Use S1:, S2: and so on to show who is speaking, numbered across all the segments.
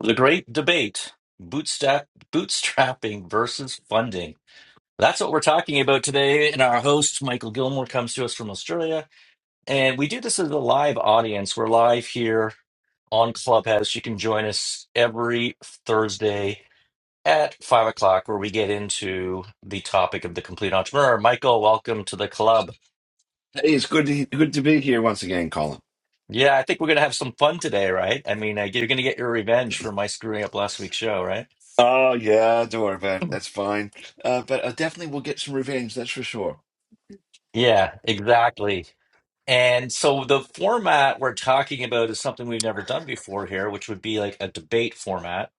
S1: The great debate bootstrap, bootstrapping versus funding. That's what we're talking about today. And our host, Michael Gilmore, comes to us from Australia. And we do this as a live audience. We're live here on Clubhouse. You can join us every Thursday at five o'clock, where we get into the topic of the complete entrepreneur. Michael, welcome to the club.
S2: Hey, it's good to, good to be here once again, Colin.
S1: Yeah, I think we're going to have some fun today, right? I mean, I- you're going to get your revenge for my screwing up last week's show, right?
S2: Oh yeah, don't worry about it. That's fine. Uh, but I definitely will get some revenge. That's for sure.
S1: Yeah, exactly. And so the format we're talking about is something we've never done before here, which would be like a debate format.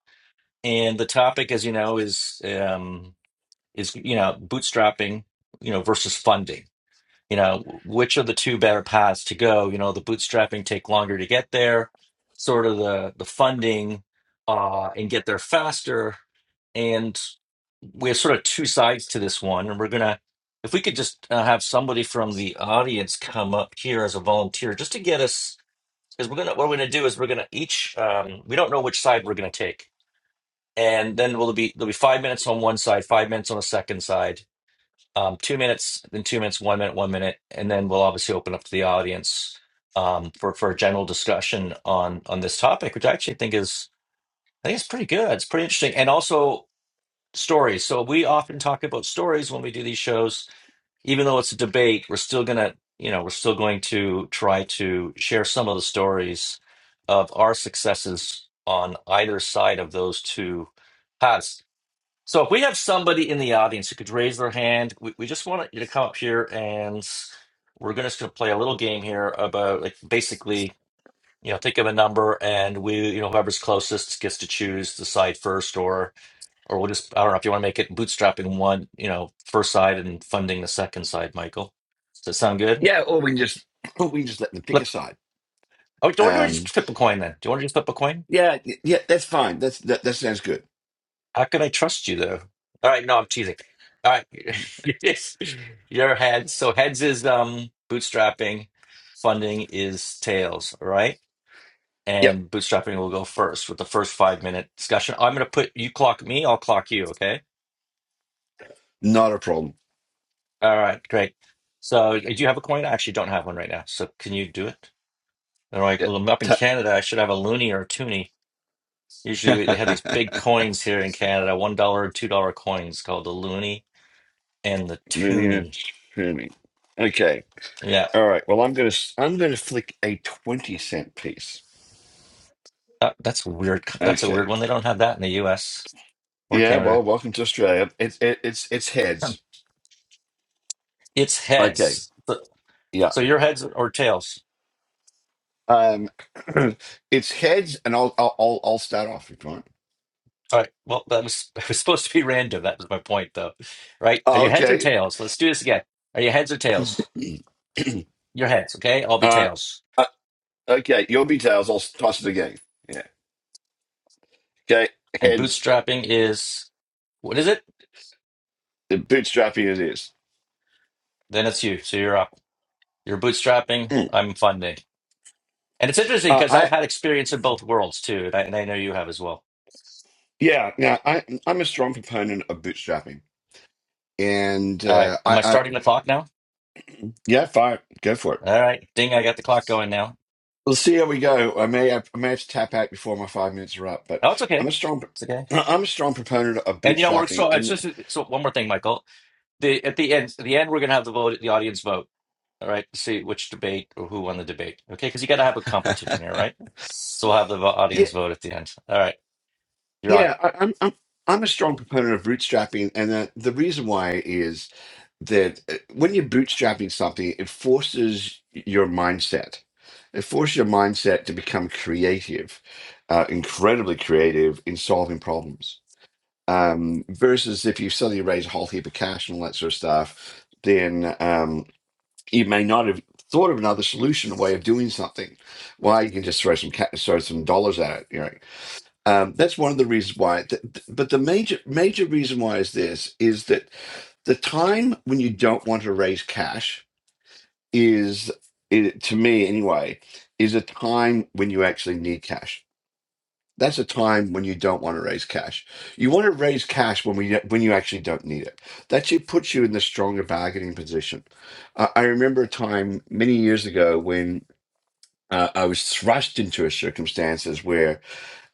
S1: And the topic, as you know, is um, is you know bootstrapping, you know, versus funding. You know, which are the two better paths to go? You know, the bootstrapping take longer to get there, sort of the the funding, uh, and get there faster we have sort of two sides to this one, and we're gonna, if we could just uh, have somebody from the audience come up here as a volunteer, just to get us, because we're gonna, what we're gonna do is we're gonna each, um, we don't know which side we're gonna take, and then we'll be there'll be five minutes on one side, five minutes on the second side, um, two minutes, then two minutes, one minute, one minute, and then we'll obviously open up to the audience um, for for a general discussion on on this topic, which I actually think is I think it's pretty good. It's pretty interesting, and also stories. So we often talk about stories when we do these shows, even though it's a debate. We're still gonna, you know, we're still going to try to share some of the stories of our successes on either side of those two paths. So if we have somebody in the audience who could raise their hand, we, we just want you to come up here and we're gonna just gonna play a little game here about like basically, you know, think of a number and we, you know, whoever's closest gets to choose the side first or or we'll just, I don't know if you want to make it bootstrapping one, you know, first side and funding the second side, Michael. Does that sound good?
S2: Yeah, or we can just or we can just let them pick a
S1: Look,
S2: side.
S1: oh, do you want to just
S2: Um,
S1: flip a coin then? Do you want to just flip a coin?
S2: yeah, y- yeah, that's fine. That's that, that sounds good.
S1: How can I trust you though? All right, no, I'm teasing. All right, your heads. So heads is um bootstrapping, funding is tails. All right,
S2: Yep,
S1: and bootstrapping will go first with the first five minute discussion. I'm going to put you clock me, I'll clock you. Okay.
S2: not a problem.
S1: All right, great. So uh, do you have a coin? I actually don't have one right now. So can you do it? They're like,
S2: Yep.
S1: "Well, up in
S2: Ta-
S1: Canada, I should have a loony or a toonie. Usually we, they have these big coins here in Canada, one dollar and two dollar coins called the loony and the
S2: Linear
S1: toonie.
S2: tuning. Okay.
S1: Yeah,
S2: All right. Well, I'm gonna s- I'm gonna flick a twenty cent piece.
S1: that, that's weird. That's a weird
S2: Okay.
S1: one. They don't have that in the U.S. or
S2: Yeah.
S1: Canada.
S2: Well, welcome to Australia. It's it, it's it's
S1: Hmm.
S2: heads.
S1: It's
S2: Okay.
S1: heads. So,
S2: Yeah.
S1: so your heads or tails?
S2: Um, it's heads, and I'll I'll I'll I'll start off if you want.
S1: All right. Well, that was it was supposed to be random. That was my point, though. Right? Are
S2: Oh,
S1: you heads or
S2: okay.
S1: tails? Let's do this again. Are you heads or tails? Your heads, okay? I'll be
S2: Uh,
S1: tails.
S2: uh okay. You'll be tails. I'll toss it again. Yeah. Okay.
S1: And
S2: Heads.
S1: bootstrapping is what is it?
S2: The bootstrapping it is.
S1: Then it's you. So you're up. You're bootstrapping.
S2: Mm.
S1: I'm funding. And it's interesting
S2: Uh,
S1: because I've
S2: I
S1: had experience in both worlds too, and I, and I know you have as well.
S2: yeah yeah. I I'm a strong proponent of bootstrapping, and
S1: All right.
S2: uh,
S1: Am
S2: I
S1: I
S2: I
S1: starting the clock now?
S2: yeah. Fire. Go for it.
S1: All right. Ding, I got the clock going now.
S2: We'll see how we go. I may have, I may have to tap out before my five minutes are up, but
S1: Oh, it's okay.
S2: I'm a strong
S1: It's okay.
S2: I'm a strong proponent of
S1: And you know, we're
S2: bootstrapping,
S1: so it's
S2: and
S1: just so one more thing, Michael. The at the end, at the end, we're gonna have the vote, the audience vote. All right, to see which debate or who won the debate. Okay, because you got to have a competition here, right? So we'll have the vo-
S2: yeah,
S1: audience vote at the end. All right, you're on.
S2: Yeah, I, I'm, I'm I'm a strong proponent of bootstrapping, and uh, the reason why is that uh, when you're bootstrapping something, it forces your mindset. It forces your mindset to become creative, uh, incredibly creative in solving problems. Um, versus if you suddenly raise a whole heap of cash and all that sort of stuff, then um, you may not have thought of another solution, a way of doing something. Why you can just throw some ca- throw some dollars at it, you know, um, that's one of the reasons why. Th- th- But the major major reason why is this is that the time when you don't want to raise cash is, it, to me anyway, is a time when you actually need cash. That's a time when you don't want to raise cash. You want to raise cash when we when you actually don't need it. That should puts you in the stronger bargaining position. Uh, I remember a time many years ago when uh, I was thrust into a circumstances where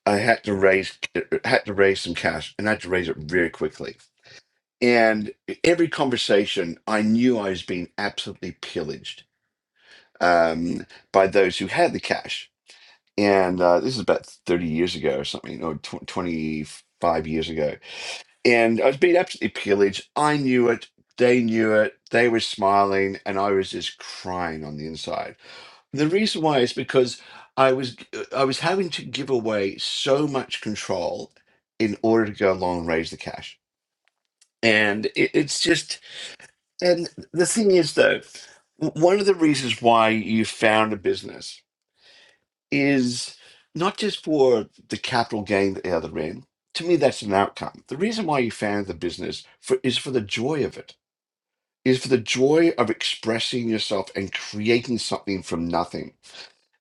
S2: I had to raise had to raise some cash and I had to raise it very quickly. And every conversation, I knew I was being absolutely pillaged um, by those who had the cash. And uh, this is about 30 years ago or something, or tw- 25 years ago. And I was being absolutely pillaged. I knew it. They knew it. They were smiling. And I was just crying on the inside. The reason why is because I was I was having to give away so much control in order to go along and raise the cash, and it, it's just and the thing is though, w- one of the reasons why you found a business is not just for the capital gain at the other end. To me, that's an outcome. The reason why you found the business for, is for the joy of it, is for the joy of expressing yourself and creating something from nothing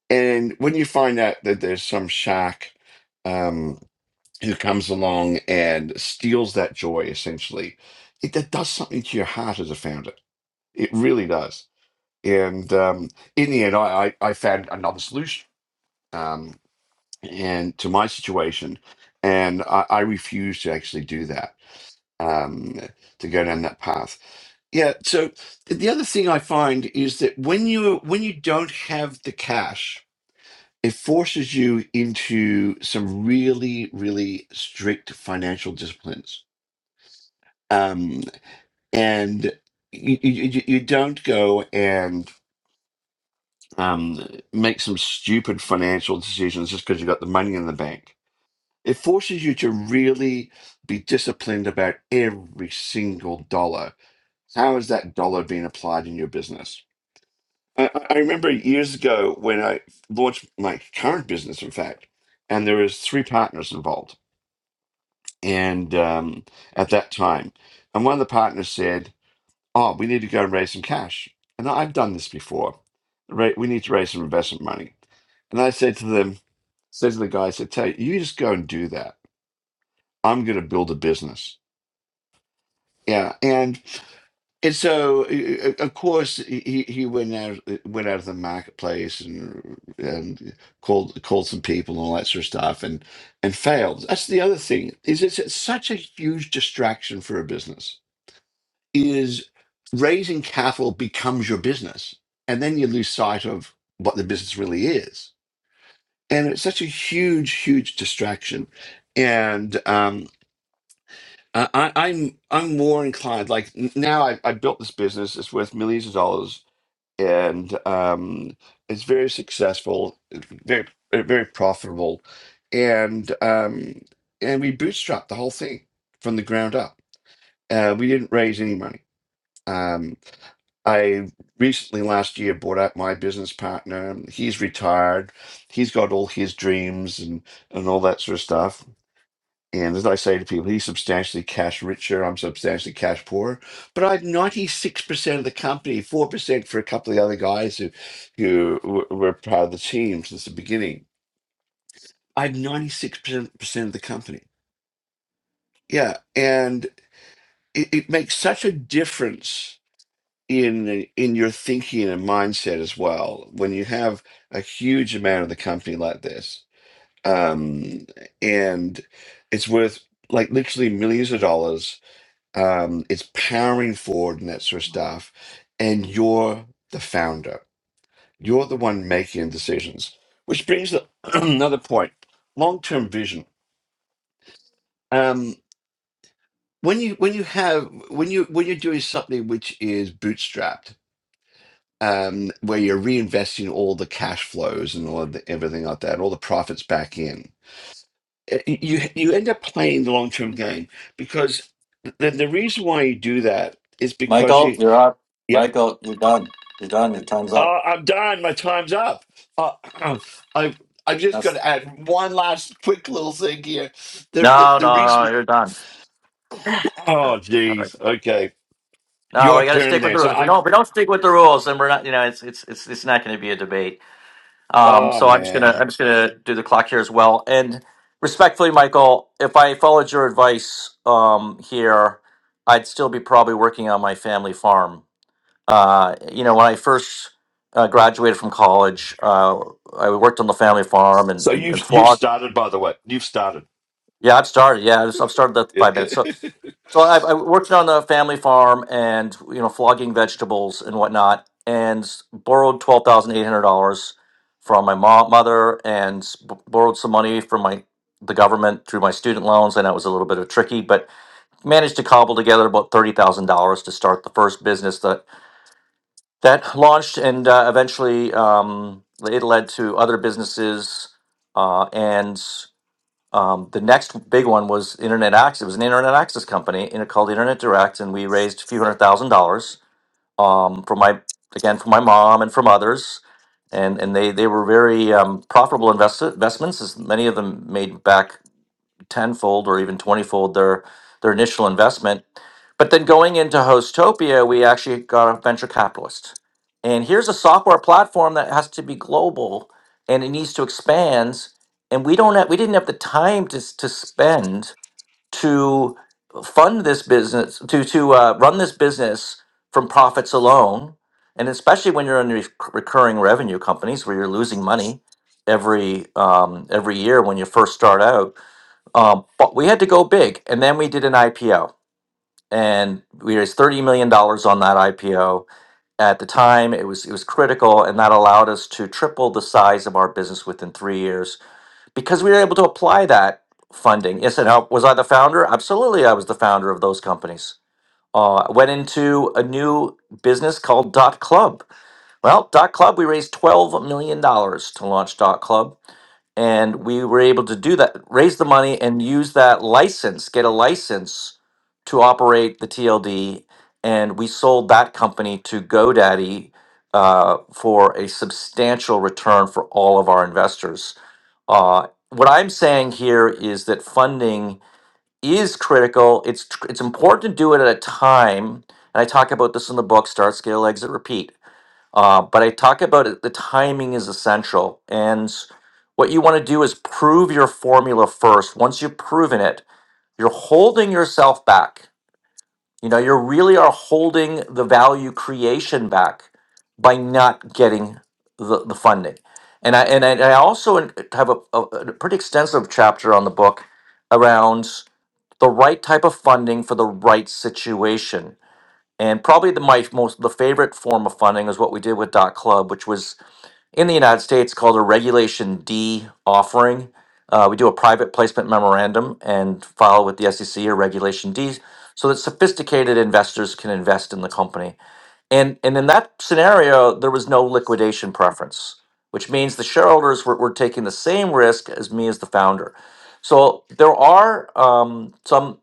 S2: And when you find out that there's some shack um, who comes along and steals that joy, essentially, it that does something to your heart as a founder. It really does. And um, in the end, I, I, I found another solution um, and to my situation, and I, I refused to actually do that um, to go down that path. Yeah. So the other thing I find is that when you when you don't have the cash it forces you into some really really strict financial disciplines um and you, you, you don't go and um, make some stupid financial decisions just because you got the money in the bank. It forces you to really be disciplined about every single dollar. How is that dollar being applied in your business? I, I I remember years ago when I launched my current business, in fact, and there was three partners involved and um, at that time. And one of the partners said, "Oh, we need to go and raise some cash." And I've done this before. Ra- We need to raise some investment money. And I said to them, said to the guy, I said, "Tell you, you just go and do that. I'm going to build a business." Yeah, and and so uh, uh, of course he he went out uh, went out of the marketplace and and called called some people and all that sort of stuff and and failed. That's the other thing is it's, it's such a huge distraction for a business is raising capital becomes your business. And then you lose sight of what the business really is. And it's such a huge, huge distraction. And um, I, I- I'm I'm more inclined, like n- now I, I built this business, it's worth millions of dollars and um, it's very successful, very, very profitable. And, um, and we bootstrapped the whole thing from the ground up. Uh, we didn't raise any money. Um, I recently last year bought out my business partner. He's retired. He's got all his dreams and and all that sort of stuff. And as I say to people, he's substantially cash richer. I'm substantially cash poorer. But I had 96% of the company, 4% for a couple of the other guys who, who w- were part of the team since the beginning. I had 96% of the company. Yeah. And it, it makes such a difference in in your thinking and mindset as well when you have a huge amount of the company like this um and it's worth like literally millions of dollars um it's powering forward and that sort of stuff and you're the founder you're the one making decisions which brings the another point long-term vision um when you when you have when you when you're doing something which is bootstrapped um, where you're reinvesting all the cash flows and all of the, everything like that, all the profits back in. Uh, You you end up playing the long term game because the, the reason why you do that is because
S1: Michael,
S2: you
S1: you're up.
S2: yep
S1: Michael, you're done. You're done. Your time's up.
S2: oh I'm done my time's up oh, I i am just
S1: That's
S2: going to add one last quick little thing here the the,
S1: No,
S2: the
S1: no, no,
S2: reason
S1: you're done.
S2: oh
S1: All right.
S2: geez okay
S1: No,
S2: your
S1: we got to
S2: turn
S1: stick with
S2: there
S1: the
S2: so
S1: rules. If we
S2: I
S1: don't, if we don't stick with the rules, then we're not. You know, it's it's it's it's not going to be a debate. Um,
S2: oh
S1: so I'm just gonna
S2: man
S1: I'm just gonna do the clock here as well. And respectfully, Michael, if I followed your advice um, here, I'd still be probably working on my family farm. Uh, you know, when I first uh, graduated from college, uh, I worked on the family farm and
S2: so
S1: and, and
S2: you've you've started by the way you've started
S1: Yeah, I've started. Yeah, I've I've started that five minutes. So, so I've, I worked on a family farm and you know flogging vegetables and whatnot, and s- borrowed twelve thousand eight hundred dollars from my mom, mother, and s- b- borrowed some money from my the government through my student loans. I know it was a little bit of tricky, but managed to cobble together about thirty thousand dollars to start the first business that that launched, and uh, eventually um, it led to other businesses uh, and. Um, the next big one was Internet Access. It was an Internet Access company in called Internet Direct, and we raised a few hundred thousand dollars um, from my again from my mom and from others, and and they they were very um, profitable invest- investments. As many of them made back tenfold or even twentyfold their their initial investment. But then going into Hostopia, we actually got a venture capitalist. And here's a software platform that has to be global and it needs to expand. And we don't have, we didn't have the time to, s- to spend to fund this business, to, to uh, run this business from profits alone. And especially when you're in rec- recurring revenue companies where you're losing money every um, every year when you first start out um, but we had to go big, and then we did an IPO, and we raised thirty million dollars on that IPO. At the time, it was it was critical, and that allowed us to triple the size of our business within three years because we were able to apply that funding. Yes, and how, was I the founder? Absolutely, I was the founder of those companies. Uh, went into a new business called Dot Club. Well, Dot Club, we raised twelve million dollars to launch Dot Club and we were able to do that raise the money and use that license get a license to operate the tld and we sold that company to godaddy uh, for a substantial return for all of our investors uh, what i'm saying here is that funding is critical it's it's important to do it at a time and i talk about this in the book start scale exit repeat uh, but I talk about it, the timing is essential. And what you want to do is prove your formula first. Once you've proven it, you're holding yourself back. You know, you really are holding the value creation back by not getting the, the funding. And I, and I, and I also in- have a, a, a pretty extensive chapter on the book around the right type of funding for the right situation. And probably the my most the favorite form of funding is what we did with Dot Club, which was in the United States called a Regulation D offering. Uh, we do a private placement memorandum and file with the SEC a Regulation D so that sophisticated investors can invest in the company and and in that scenario, there was no liquidation preference, which means the shareholders were, were taking the same risk as me as the founder. So there are um, some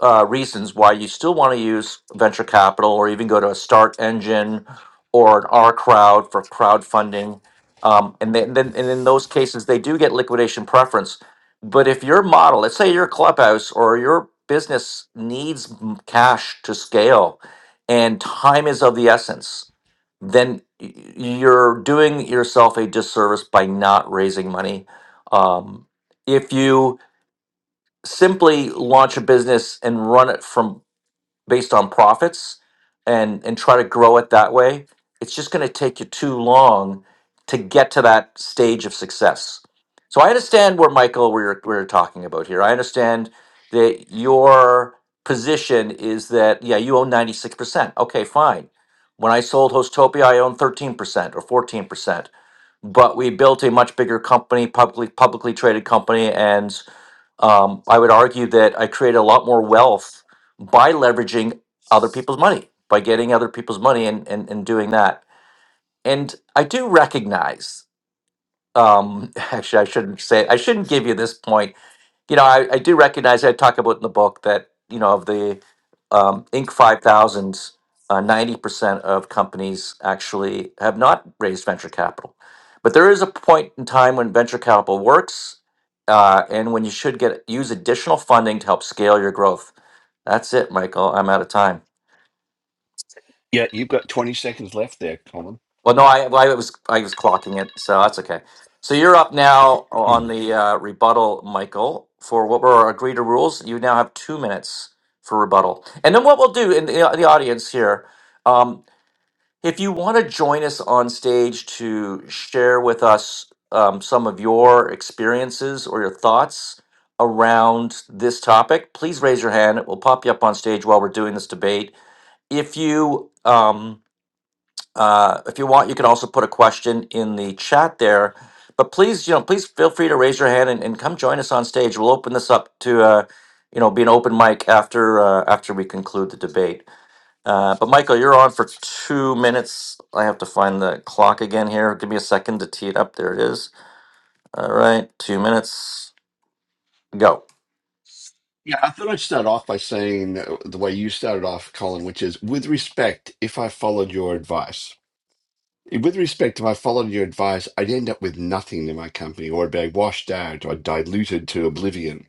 S1: uh, reasons why you still want to use venture capital or even go to a start engine or an R crowd for crowdfunding. Um, and then, then and in those cases, they do get liquidation preference. But if your model, let's say your clubhouse or your business needs m- cash to scale, and time is of the essence, then y- you're doing yourself a disservice by not raising money. Um, if you simply launch a business and run it from based on profits and and try to grow it that way it's just going to take you too long to get to that stage of success so i understand where michael we we're, we we're talking about here i understand that your position is that yeah you own 96% okay fine when i sold hostopia i owned 13% or 14% but we built a much bigger company publicly publicly traded company and um, I would argue that I create a lot more wealth by leveraging other people's money, by getting other people's money and, and, and doing that. And I do recognize, um, actually, I shouldn't say, I shouldn't give you this point you know, I, I do recognize I talk about in the book that you know of the um, Inc. five thousands, uh, ninety percent of companies actually have not raised venture capital, but there is a point in time when venture capital works, uh, and when you should get use additional funding to help scale your growth. That's it, Michael. I'm out of time.
S2: Yeah, you've got 20 seconds left there, Colin.
S1: Well, no, I, well, I was I was clocking it, so that's okay. So you're up now on
S2: Mm.
S1: the uh, rebuttal, Michael, for what were our agreed to rules. You now have two minutes for rebuttal, and then what we'll do in the, uh, the audience here, um, if you want to join us on stage to share with us um, some of your experiences or your thoughts around this topic, please raise your hand. We'll pop you up on stage while we're doing this debate. If you um, uh, if you want, you can also put a question in the chat there. But please, you know, please feel free to raise your hand and, and come join us on stage. We'll open this up to, uh, you know, be an open mic after uh, after we conclude the debate. Uh, but Michael, you're on for two minutes. I have to find the clock again here. Give me a second to tee it up. There it is. All right, two minutes. Go.
S2: Yeah, I thought I'd start off by saying uh, the way you started off, Colin, which is with respect, if I followed your advice. With respect, if I followed your advice, I'd end up with nothing in my company, or I'd be washed out or diluted to oblivion.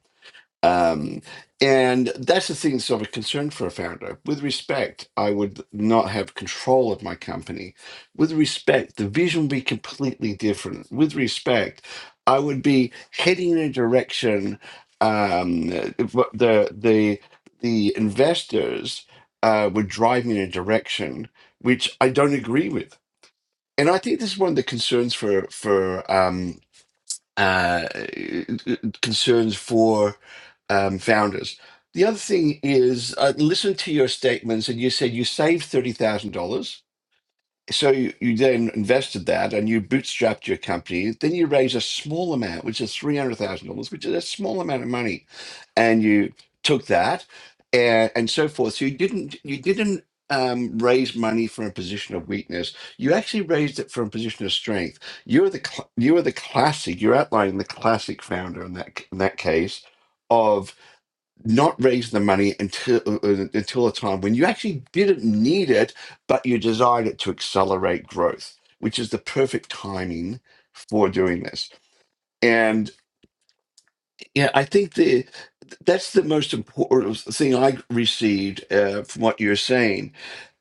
S2: Um, and that's the thing that's of a concern for a founder. With respect, I would not have control of my company. With respect, the vision would be completely different. With respect, I would be heading in a direction um, if what the the the investors uh, would drive me in a direction which I don't agree with. And I think this is one of the concerns for for um, uh, concerns for um, founders. The other thing is, I listened to your statements, and you said you saved thirty thousand dollars so you, you then invested that and you bootstrapped your company. Then you raised a small amount, which is three hundred thousand dollars, which is a small amount of money, and you took that and, and so forth. So you didn't you didn't um, raise money from a position of weakness. You actually raised it from a position of strength. You're the cl- you are the classic. You're outlining the classic founder in that c- in that case. of not raise the money until uh, uh, until a time when you actually didn't need it, but you desired it to accelerate growth, which is the perfect timing for doing this. And yeah, I think the that's the most important thing I received uh, from what you're saying.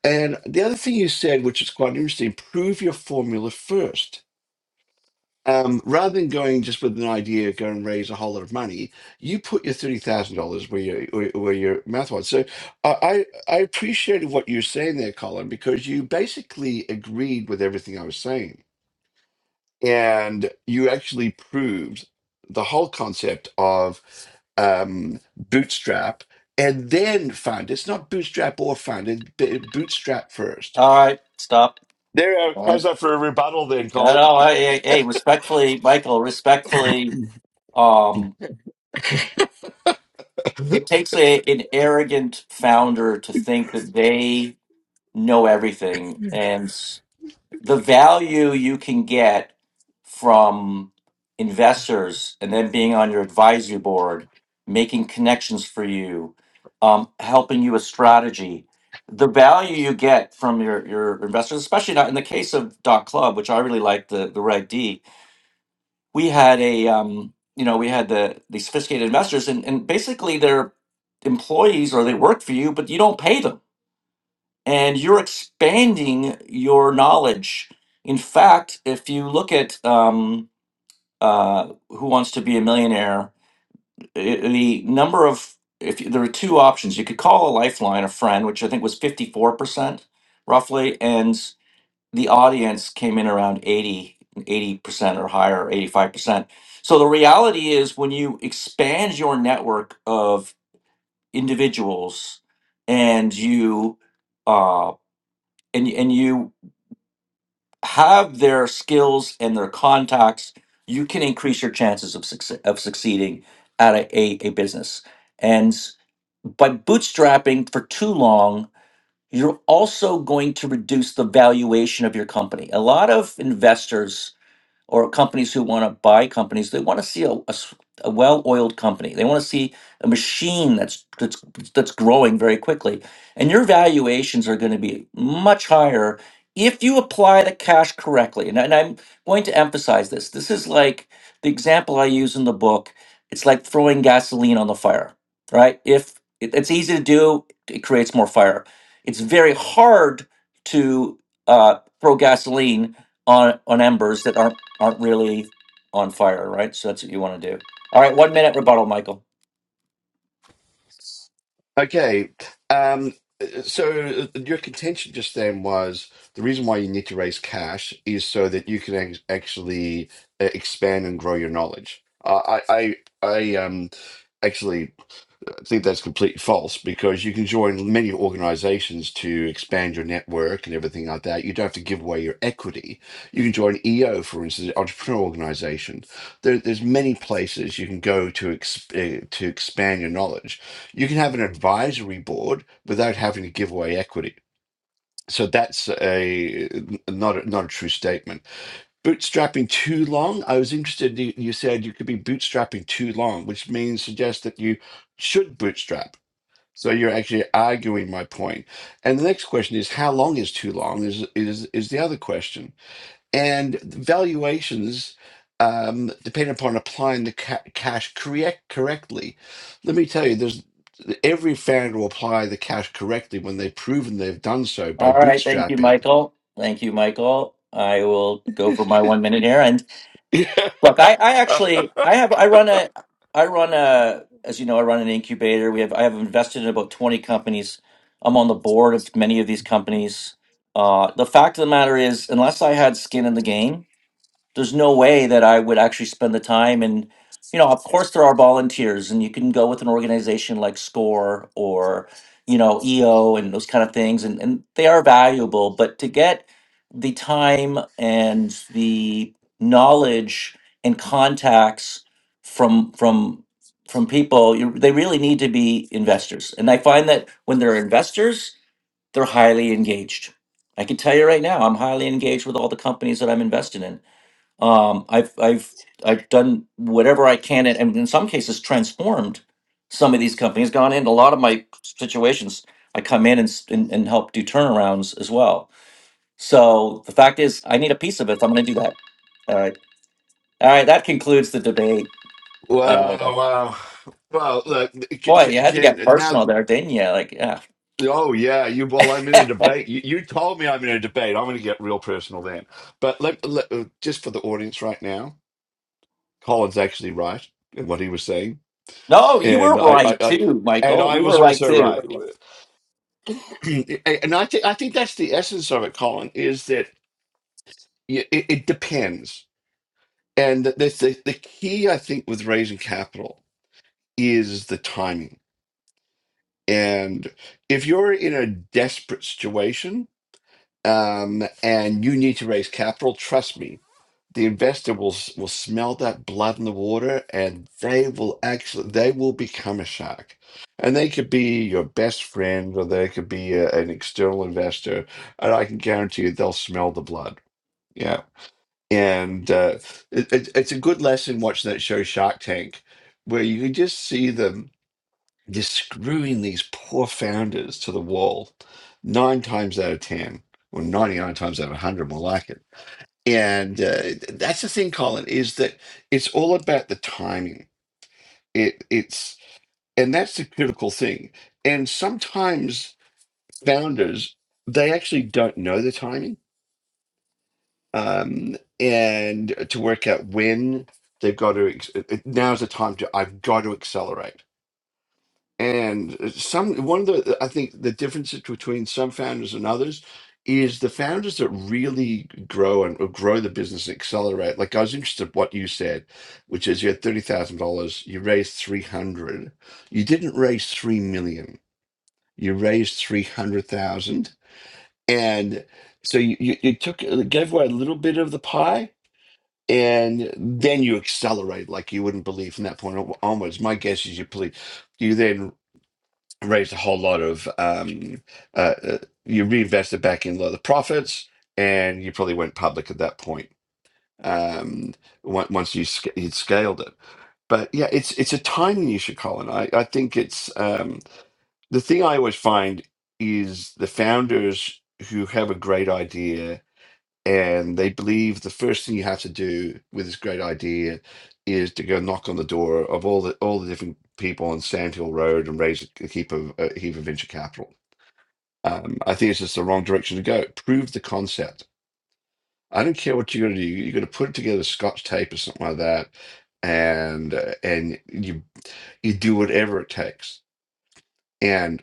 S2: And the other thing you said, which is quite interesting, prove your formula first um, rather than going just with an idea, go and raise a whole lot of money, you put your thirty thousand dollars where your where where your mouth was. So I I I appreciated what you were saying there, Colin, because you basically agreed with everything I was saying, and you actually proved the whole concept of um, bootstrap and then fund. It's not bootstrap or fund. It's b- bootstrap first.
S1: All right, stop.
S2: There, you go.
S1: All right.
S2: how's that for a rebuttal, then,
S1: No,
S2: Colin?
S1: no, I, I- hey, respectfully, Michael, respectfully. Um. It takes a, an arrogant founder to think that they know everything, and s- the value you can get from investors and then being on your advisory board, making connections for you, um, helping you with strategy. The value you get from your, your investors, especially not in the case of Dot Club, which I really like the, the Reg D, we had a um, you know we had the the sophisticated investors and, and basically they're employees or they work for you but you don't pay them and you're expanding your knowledge in fact if you look at um, uh, who wants to be a millionaire i- the number of if you, there are two options you could call a lifeline a friend which i think was 54% roughly and the audience came in around eighty, eighty percent or higher 85% so the reality is when you expand your network of individuals and you uh and, and you have their skills and their contacts you can increase your chances of success, of succeeding at a, a, a business and by bootstrapping for too long you're also going to reduce the valuation of your company a lot of investors or companies who want to buy companies, they want to see a, a s- a well-oiled company. They want to see a machine that's that's that's growing very quickly. And your valuations are going to be much higher if you apply the cash correctly. And, and I'm going to emphasize this. This is like the example I use in the book. It's like throwing gasoline on the fire, right? If it, it's easy to do, it creates more fire. It's very hard to uh, throw gasoline on on embers that aren't aren't really on fire, right? So that's what you want to do. All right, one minute rebuttal, Michael.
S2: Okay. Um, so uh, your contention just then was the reason why you need to raise cash is so that you can ac- actually uh, expand and grow your knowledge. Uh, I, I, I um, actually. I think that's completely false because you can join many organizations to expand your network and everything like that. You don't have to give away your equity. You can join EO, for instance, entrepreneur organization. There, there's many places you can go to ex- uh, to expand your knowledge. You can have an advisory board without having to give away equity. So that's a not a, not a true statement. Bootstrapping too long. I was interested. You you said you could be bootstrapping too long, which means suggests that you should bootstrap. So you're actually arguing my point. And the next question is how long is too long is is is the other question. And valuations um, depend upon applying the ca- cash correct correctly. Let me tell you, there's every founder will apply the cash correctly when they've proven they've done so
S1: All
S2: by
S1: right, thank you,
S2: bootstrapping.
S1: Michael. Thank you, Michael. I will go for my one minute here. And look, I, I actually I have I run a I run a as you know I run an incubator. We have I have invested in about twenty companies. I'm on the board of many of these companies. Uh, the fact of the matter is, unless I had skin in the game, there's no way that I would actually spend the time and you know of course there are volunteers and you can go with an organization like SCORE or you know EO and those kind of things and, and they are valuable but to get the time and the knowledge and contacts from from from people you, they really need to be investors and I find that when they're investors they're highly engaged I can tell you right now I'm highly engaged with all the companies that I'm invested in um, I've I've I've done whatever I can, and, and in some cases transformed some of these companies. Gone into a lot of my situations, I come in and s- and, and help do turnarounds as well. So the fact is, I need a piece of it. So I'm going to do that. All right, all right. That concludes the debate. Uh,
S2: Wow, wow. Well, look, c-
S1: boy, you
S2: c-
S1: had to get
S2: Ken, now
S1: personal there, didn't you? Like, yeah.
S2: Oh yeah, you. Well, I'm in a debate. You, you told me I'm in a debate. I'm going to get real personal then. But let, let uh, just for the audience right now, Colin's actually right in what he was saying,
S1: no, you were
S2: and I, I,
S1: right
S2: I
S1: too,
S2: and
S1: Michael.
S2: I
S1: You were
S2: was
S1: right
S2: also
S1: too.
S2: right. and I think I think that's the essence of it, Colin, is that y- it, it depends, and that's the the key I think with raising capital is the timing. And if you're in a desperate situation, um, and you need to raise capital, trust me, the investor will s- will smell that blood in the water, and they will actually they will become a shark. And they could be your best friend, or they could be a, an external investor, and I can guarantee you they'll smell the blood. Yeah, and uh, it, it, it's a good lesson watching that show Shark Tank, where you can just see them just screwing these poor founders to the wall nine times out of 10, or 99 times out of 100, more like it. And uh, th- that's the thing, Colin, is that it's all about the timing. It it's and that's the critical thing. And sometimes founders they actually don't know the timing, um, and to work out when they've got to. Ex- now's the time to. I've got to accelerate And uh, some one of the I think the differences between some founders and others is the founders that really grow and uh, grow the business and accelerate. Like I was interested in what you said, which is you had thirty thousand dollars, you raised three hundred, you didn't raise three million, you raised three hundred thousand, and so you, you you took uh, gave away a little bit of the pie. And then you accelerate like you wouldn't believe from that point on- onwards. My guess is you probably you then raised a whole lot of um, uh, uh, you reinvested back in a lot of the profits and you probably went public at that point um, on- once you sc- you'd scaled it but yeah it's it's a tiny niche colin i, I think it's um, the thing i always find is the founders who have a great idea and they believe the first thing you have to do with this great idea is to go knock on the door of all the all the different people on Sand Hill Road and raise a heap of a heap of venture capital um, I think it's just the wrong direction to go. Prove the concept. I don't care what you're going to do. You're going to put it together, Scotch tape or something like that, and uh, and you you do whatever it takes. And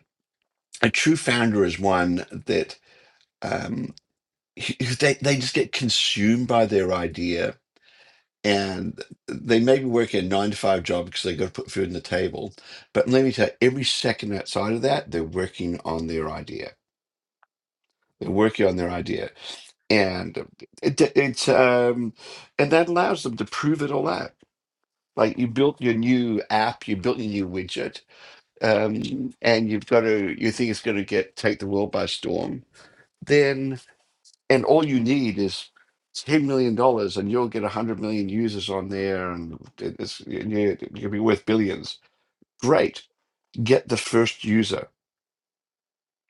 S2: a true founder is one that um, he- he- they they just get consumed by their idea, and they maybe work a nine to five job because they got to put food on the table. But let me tell you, every second outside of that, they're working on their idea They're working on their idea, and it, it's um, and that allows them to prove it all out. Like you built your new app, you built your new widget, um, and you've got to you think it's going to get take the world by storm. Then and all you need is ten million dollars, and you'll get hundred million users on there, and it's and you- you'll be worth billions. Great, get the first user,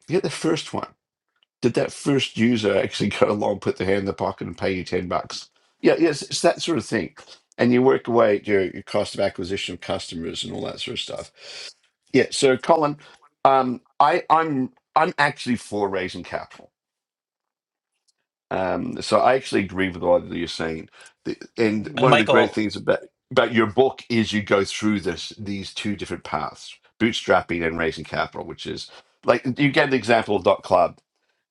S2: get the first one did that first user actually go along, put their hand in the pocket, and pay you ten bucks? Yeah, yes, it's that sort of thing. And you work away at your, your cost of acquisition of customers and all that sort of stuff. Yeah. So, Colin, um, I, I'm I'm actually for raising capital. Um, so I actually agree with a lot of what you're saying. The, and
S1: And
S2: one of the great
S1: Michael,
S2: things about about your book is you go through this these two different paths: bootstrapping and raising capital, which is like you get the example of Dot Club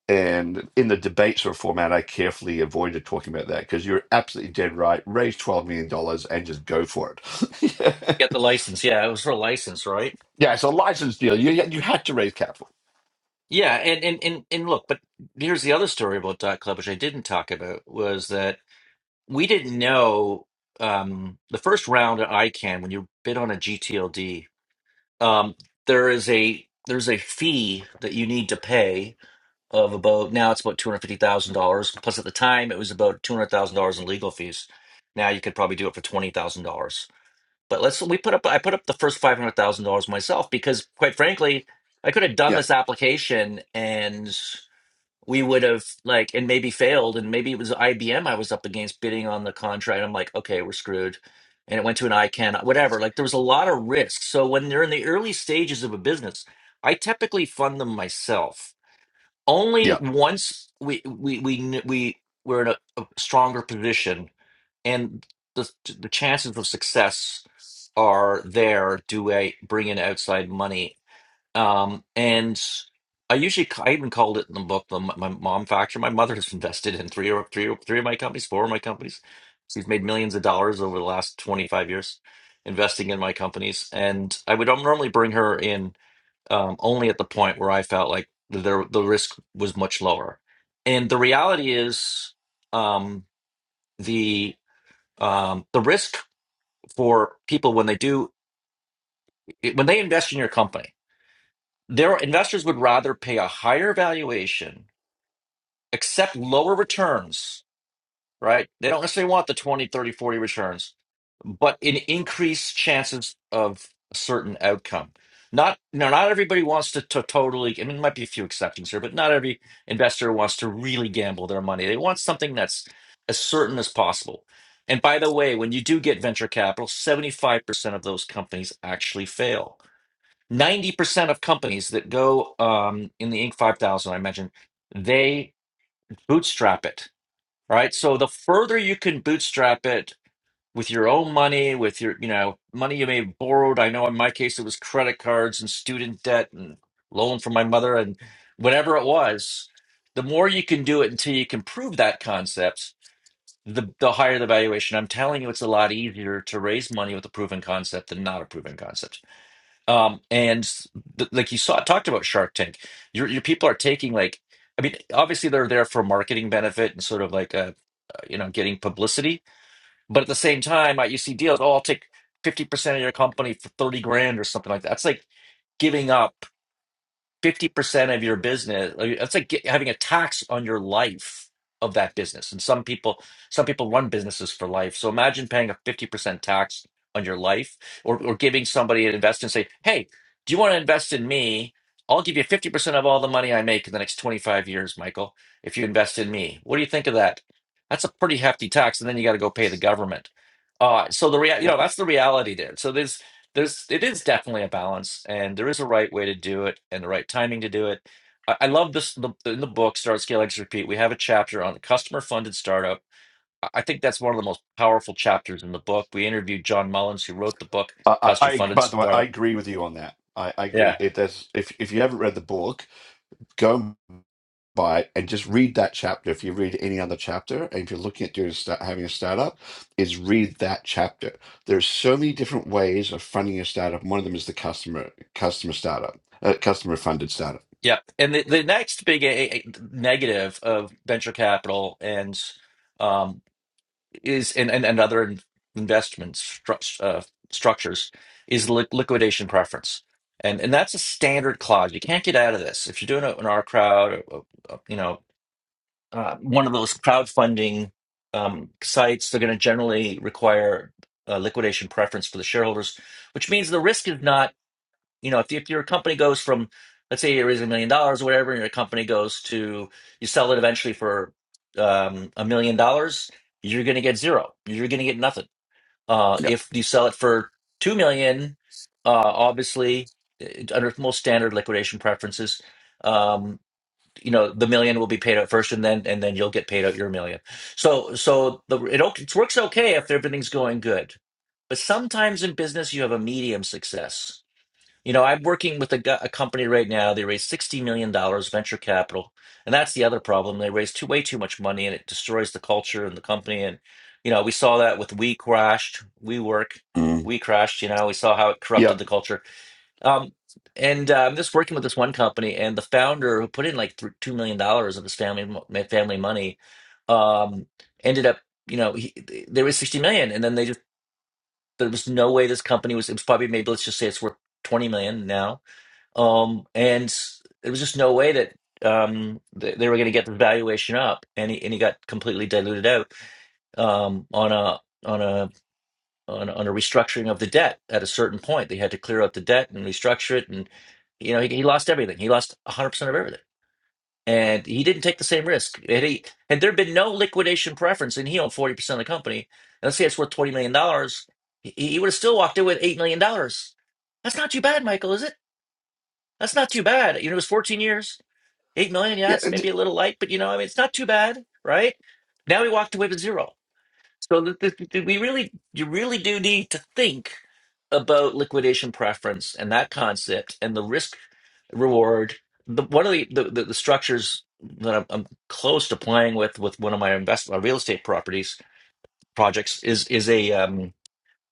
S2: and in the debate sort of format, I carefully avoided talking about that because you're absolutely dead right. Raise $12 million dollars and just go for it.
S1: get the license. Yeah, it was her license, right?
S2: yeah, it's a license deal. You, you had to raise capital.
S1: Yeah, and and and and look, but here's the other story about Dot Club, which I didn't talk about, was that we didn't know um, the first round at ICANN when you bid on a GTLD, um, there is a there's a fee that you need to pay of about now it's about two hundred fifty thousand dollars plus at the time it was about two hundred thousand dollars in legal fees. Now you could probably do it for twenty thousand dollars, but let's we put up I put up the first five hundred thousand dollars myself because quite frankly. I could have done
S2: Yeah,
S1: this application and we would have like and maybe failed and maybe it was IBM I was up against bidding on the contract. I'm like, okay, we're screwed. And it went to an ICANN, whatever. Like there was a lot of risk. So when they're in the early stages of a business, I typically fund them myself. Only
S2: yeah,
S1: once we we we kn- we we're in a, a stronger position and the the chances of success are there do I bring in outside money um, and I usually ca- I even called it in the book the my mom factor. My mother has invested in three or three or three of my companies, four of my companies. She's made millions of dollars over the last 25 years investing in my companies. And I would um, normally bring her in um, only at the point where I felt like the the risk was much lower. And the reality is um, the um, the risk for people when they do when they invest in your company Their investors would rather pay a higher valuation, accept lower returns, right? They don't necessarily want the 20, 30, 40 returns, but an increased chances of a certain outcome. Not now, not everybody wants to, to totally, I mean, there might be a few exceptions here, but not every investor wants to really gamble their money. They want something that's as certain as possible. And by the way, when you do get venture capital, 75% of those companies actually fail 90% of companies that go um, in the Inc. 5000, I mentioned, they bootstrap it, right? So the further you can bootstrap it with your own money, with your, you know, money you may have borrowed. I know in my case, it was credit cards and student debt and loan from my mother and whatever it was. The more you can do it until you can prove that concept, the, the higher the valuation. I'm telling you, it's a lot easier to raise money with a proven concept than not a proven concept. Um, and th like you saw, talked about Shark Tank. Your your people are taking like, I mean, obviously they're there for marketing benefit and sort of like uh uh, you know, getting publicity. But at the same time, uh, you see deals. Oh, I'll take fifty percent of your company for thirty grand or something like that. That's like giving up. 50% of your business like, it's like get, having a tax on your life of that business and some people some people run businesses for life so imagine paying a 50% tax on your life or, or giving somebody an investment say hey do you want to invest in me i'll give you 50% of all the money i make in the next 25 years michael if you invest in me what do you think of that that's a pretty hefty tax and then you got to go pay the government uh, so the rea- you
S2: yeah.
S1: know that's the reality there so there's there's it is definitely a balance and there is a right way to do it and the right timing to do it i, I love this the, in the book start scale exit repeat we have a chapter on the customer funded startup i I think that's one of the most powerful chapters in the book we interviewed john mullins who wrote the book
S2: I, I,
S1: customer
S2: I,
S1: funded
S2: by the way, I
S1: startup
S2: agree with you on that. I, I agree.
S1: yeah
S2: It, there's, if, if you haven't read the book, go by and just read that chapter. If you read any other chapter, and if you're looking at doing start, having a startup, is read that chapter. There's so many different ways of funding a startup. One of them is the customer customer startup, uh, customer funded startup.
S1: yeah and the, the next big a, a- negative of venture capital and um, is and and, and other in- investment stru- uh, structures is li- liquidation preference, and and that's a standard clause. You can't get out of this if you're doing it in our crowd. Or, or, you know, uh, one of those crowdfunding um, sites. They're going to generally require uh liquidation preference for the shareholders, which means the risk is not you know, if if your company goes from, let's say, you raise a million dollars or whatever, and your company goes to you sell it eventually for um, a million dollars, you're going to get zero. You're going to get nothing. Uh,
S2: Yep.
S1: if you sell it for two million, uh, obviously, eh, under most standard liquidation preferences, um, you know, the million will be paid out first, and then and then you'll get paid out your million. So so the it, o- it works okay if everything's going good, but sometimes in business you have a medium success you know, I'm working with a, gu- a company right now. They raised $60 million dollars venture capital. And that's the other problem. They raise too, way too much money and it destroys the culture and the company. And, you know, we saw that with We Crashed, We Work,
S2: Mm.
S1: We Crashed, you know, we saw how it corrupted
S2: Yep.
S1: the culture. Um, and uh, I'm just working with this one company and the founder who put in like th $2 million dollars of his family, mo- ma- family money um, ended up, you know, he, there was 60 million. And then they just, there was no way this company was, it was probably maybe let's just say it's worth 20 million now um, and there was just no way that um th they were going to get the valuation up, and he and he got completely diluted out um on a on a on a, on a restructuring of the debt at a certain point. They had to clear out the debt and restructure it, and you know he, he lost everything. He lost 100% of everything. And he didn't take the same risk. Had he had there been no liquidation preference, and he owned 40% of the company, and let's say it's worth $20 million, dollars, he, he would have still walked away with $8 million. dollars. That's not too bad, Michael, is it? That's not too bad. You know, it was 14 years. Eight million, yeah,
S2: Yeah.
S1: it's maybe
S2: and-
S1: a little light, but you know, I mean, it's not too bad, right? Now we walked away with zero. So th th th- we really, you really do need to think about liquidation preference and that concept and the risk reward. The one of the the, the, the structures that I'm, I'm close to playing with with one of my investment real estate properties projects is is a um,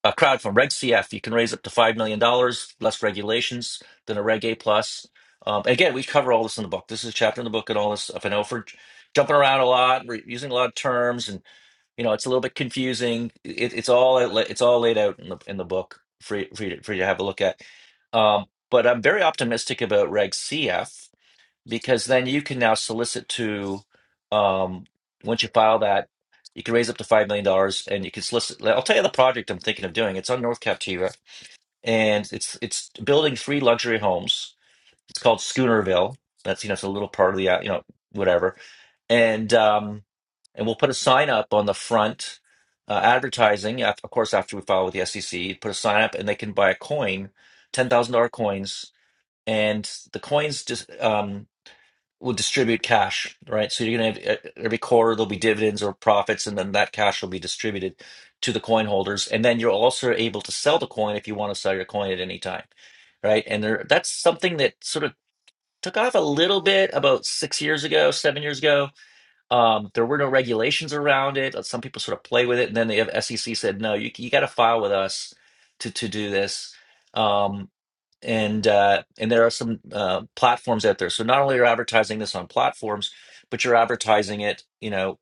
S1: a crowd from Reg CF, you can raise up to $5 million, dollars, less regulations than a Reg A+. plus. Um, again, we cover all this in the book. This is a chapter in the book and all this stuff. I know for j- jumping around a lot, we're using a lot of terms, and you know it's a little bit confusing. It, it's all outla- it's all laid out in the in the book for you, for you, to, for you to have a look at. Um, but I'm very optimistic about Reg CF because then you can now solicit to um once you file that you can raise up to five million dollars and you can solicit like, i'll tell you the project i'm thinking of doing it's on north captiva and it's it's building three luxury homes it's called schoonerville that's you know it's a little part of the uh, you know whatever and um and we'll put a sign up on the front uh, advertising af- of course after we file with the sec put a sign up and they can buy a coin $10000 coins and the coins just um will distribute cash, right? So you're going to have e-, every quarter there'll be dividends or profits, and then that cash will be distributed to the coin holders. And then you're also able to sell the coin if you want to sell your coin at any time, right? And there, that's something that sort of took off a little bit about six years ago, seven years ago. Um, there were no regulations around it. Like, Some people sort of play with it, and then the SEC said, no, you you got to file with us to to do this. Um, and uh, and there are some uh, platforms out there. So not only are you advertising this on platforms, but you're advertising it, you know,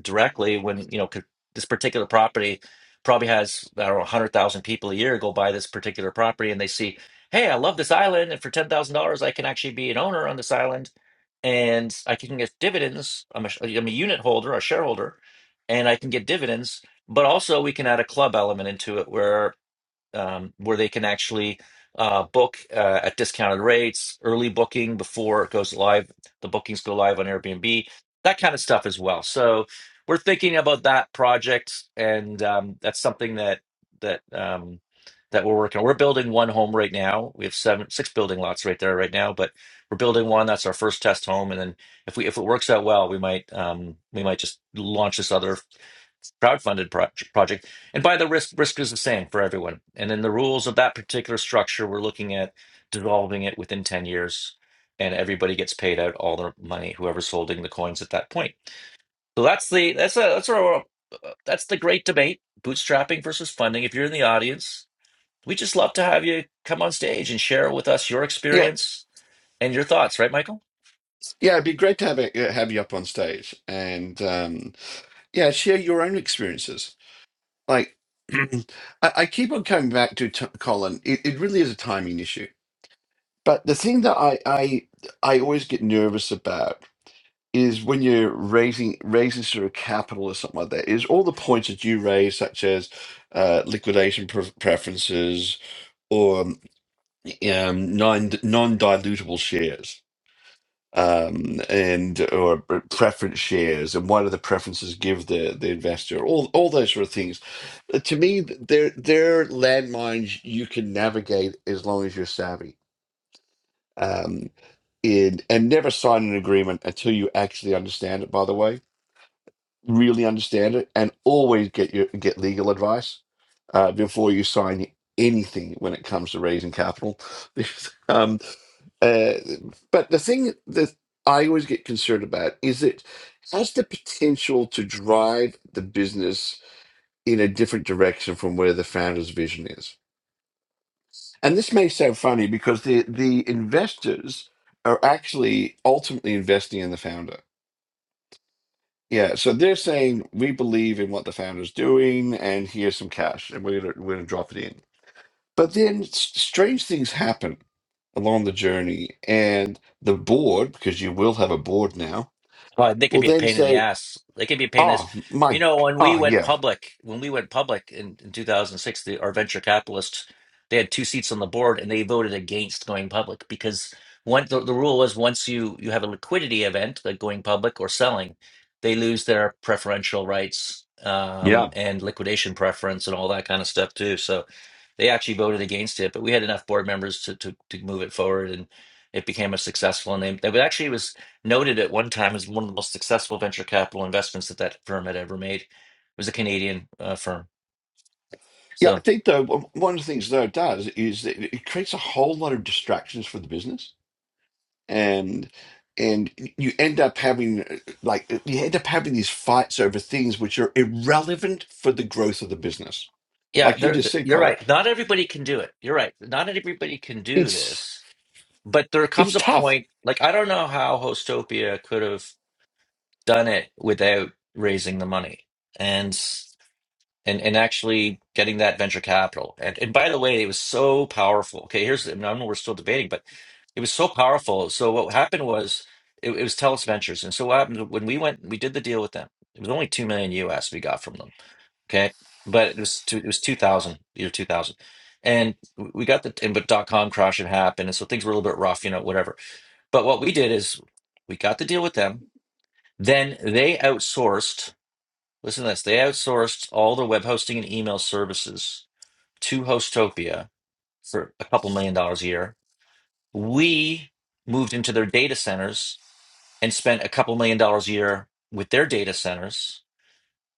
S1: directly when you know 'cause this particular property probably has I don't know hundred thousand people a year go buy this particular property, and they see, hey, I love this island, and for ten thousand dollars, I can actually be an owner on this island, and I can get dividends. I'm a, sh- I'm a unit holder, a shareholder, and I can get dividends. But also, we can add a club element into it where um, where they can actually uh, book uh, at discounted rates, early booking before it goes live, the bookings go live on Airbnb, that kind of stuff as well. So we're thinking about that project, and um, that's something that that um, that we're working on. We're building one home right now. We have seven, six building lots right there right now, but we're building one. That's our first test home, and then if we if it works out well, we might um, we might just launch this other crowdfunded pro- project and by the risk, risk is the same for everyone. And then the rules of that particular structure, we're looking at dissolving it within 10 years, and everybody gets paid out all their money, whoever's holding the coins at that point. So that's the that's a that's our that's the great debate: bootstrapping versus funding. If you're in the audience, we just love to have you come on stage and share with us your
S2: Yeah.
S1: experience and your thoughts, right, Michael?
S2: Yeah. It'd be great to have a, have you up on stage and um, yeah, share your own experiences. Like I, I keep on coming back to t- Colin. It, it really is a timing issue. But the thing that I, I I always get nervous about is when you're raising raising sort of capital or something like that, is all the points that you raise, such as uh, liquidation pre- preferences or um, um, non non dilutable shares um and or preference shares and what do the preferences give the the investor all all those sort of things Uh, to me th- they're they're landmines you can navigate as long as you're savvy um in and never sign an agreement until you actually understand it by the way really understand it, and always get your get legal advice uh, before you sign anything when it comes to raising capital. Because, um, uh, but the thing that I always get concerned about is it has the potential to drive the business in a different direction from where the founder's vision is. And this may sound funny because the the investors are actually ultimately investing in the founder Yeah, so they're saying we believe in what the founder's doing, and here's some cash, and we're gonna we're gonna drop it in. But then s- strange things happen along the journey, and the board, because you will have a board now,
S1: Well, they could
S2: will
S1: be a
S2: then
S1: pain in the
S2: say,
S1: ass. They could be a pain in the ass.
S2: "Oh
S1: You
S2: my,
S1: know, when we
S2: oh
S1: went
S2: yeah,
S1: public, when we went public in, in 2006, the, our venture capitalists, they had two seats on the board and they voted against going public because one, the, the rule was once you, you have a liquidity event, like going public or selling, they lose their preferential rights um,
S2: Yeah.
S1: and liquidation preference and all that kind of stuff too. So they actually voted against it, but we had enough board members to, to, to move it forward and it became a successful name. That was actually it was noted at one time as one of the most successful venture capital investments that that firm had ever made. It was a Canadian uh, firm.
S2: yeah."
S1: So
S2: I think though w- one of the things though it does is that it it creates a whole lot of distractions for the business. and and you end up having uh, like you end up having these fights over things which are irrelevant for the growth of the business
S1: yeah,
S2: like you
S1: there
S2: just
S1: th-
S2: said
S1: you're
S2: colin
S1: right. Not everybody can do it. You're right. Not everybody can do
S2: it's
S1: this. But there comes
S2: it's
S1: a
S2: tough
S1: point, like I don't know how Hostopia could have done it without raising the money. And and and actually getting that venture capital. And and by the way, it was so powerful. Okay, here's I know we're still debating, but it was so powerful. So what happened was it, it was Telus Ventures, and so what happened when we went, we did the deal with them. It was only two million US we got from them. Okay, but it was two, it was two thousand year two thousand. And we got the and but dot com crash had happened, and so things were a little bit rough, you know, whatever. But what we did is we got the deal with them. Then they outsourced Listen to this. They outsourced all their web hosting and email services to Hostopia for a couple million dollars a year. We moved into their data centers and spent a couple million dollars a year with their data centers.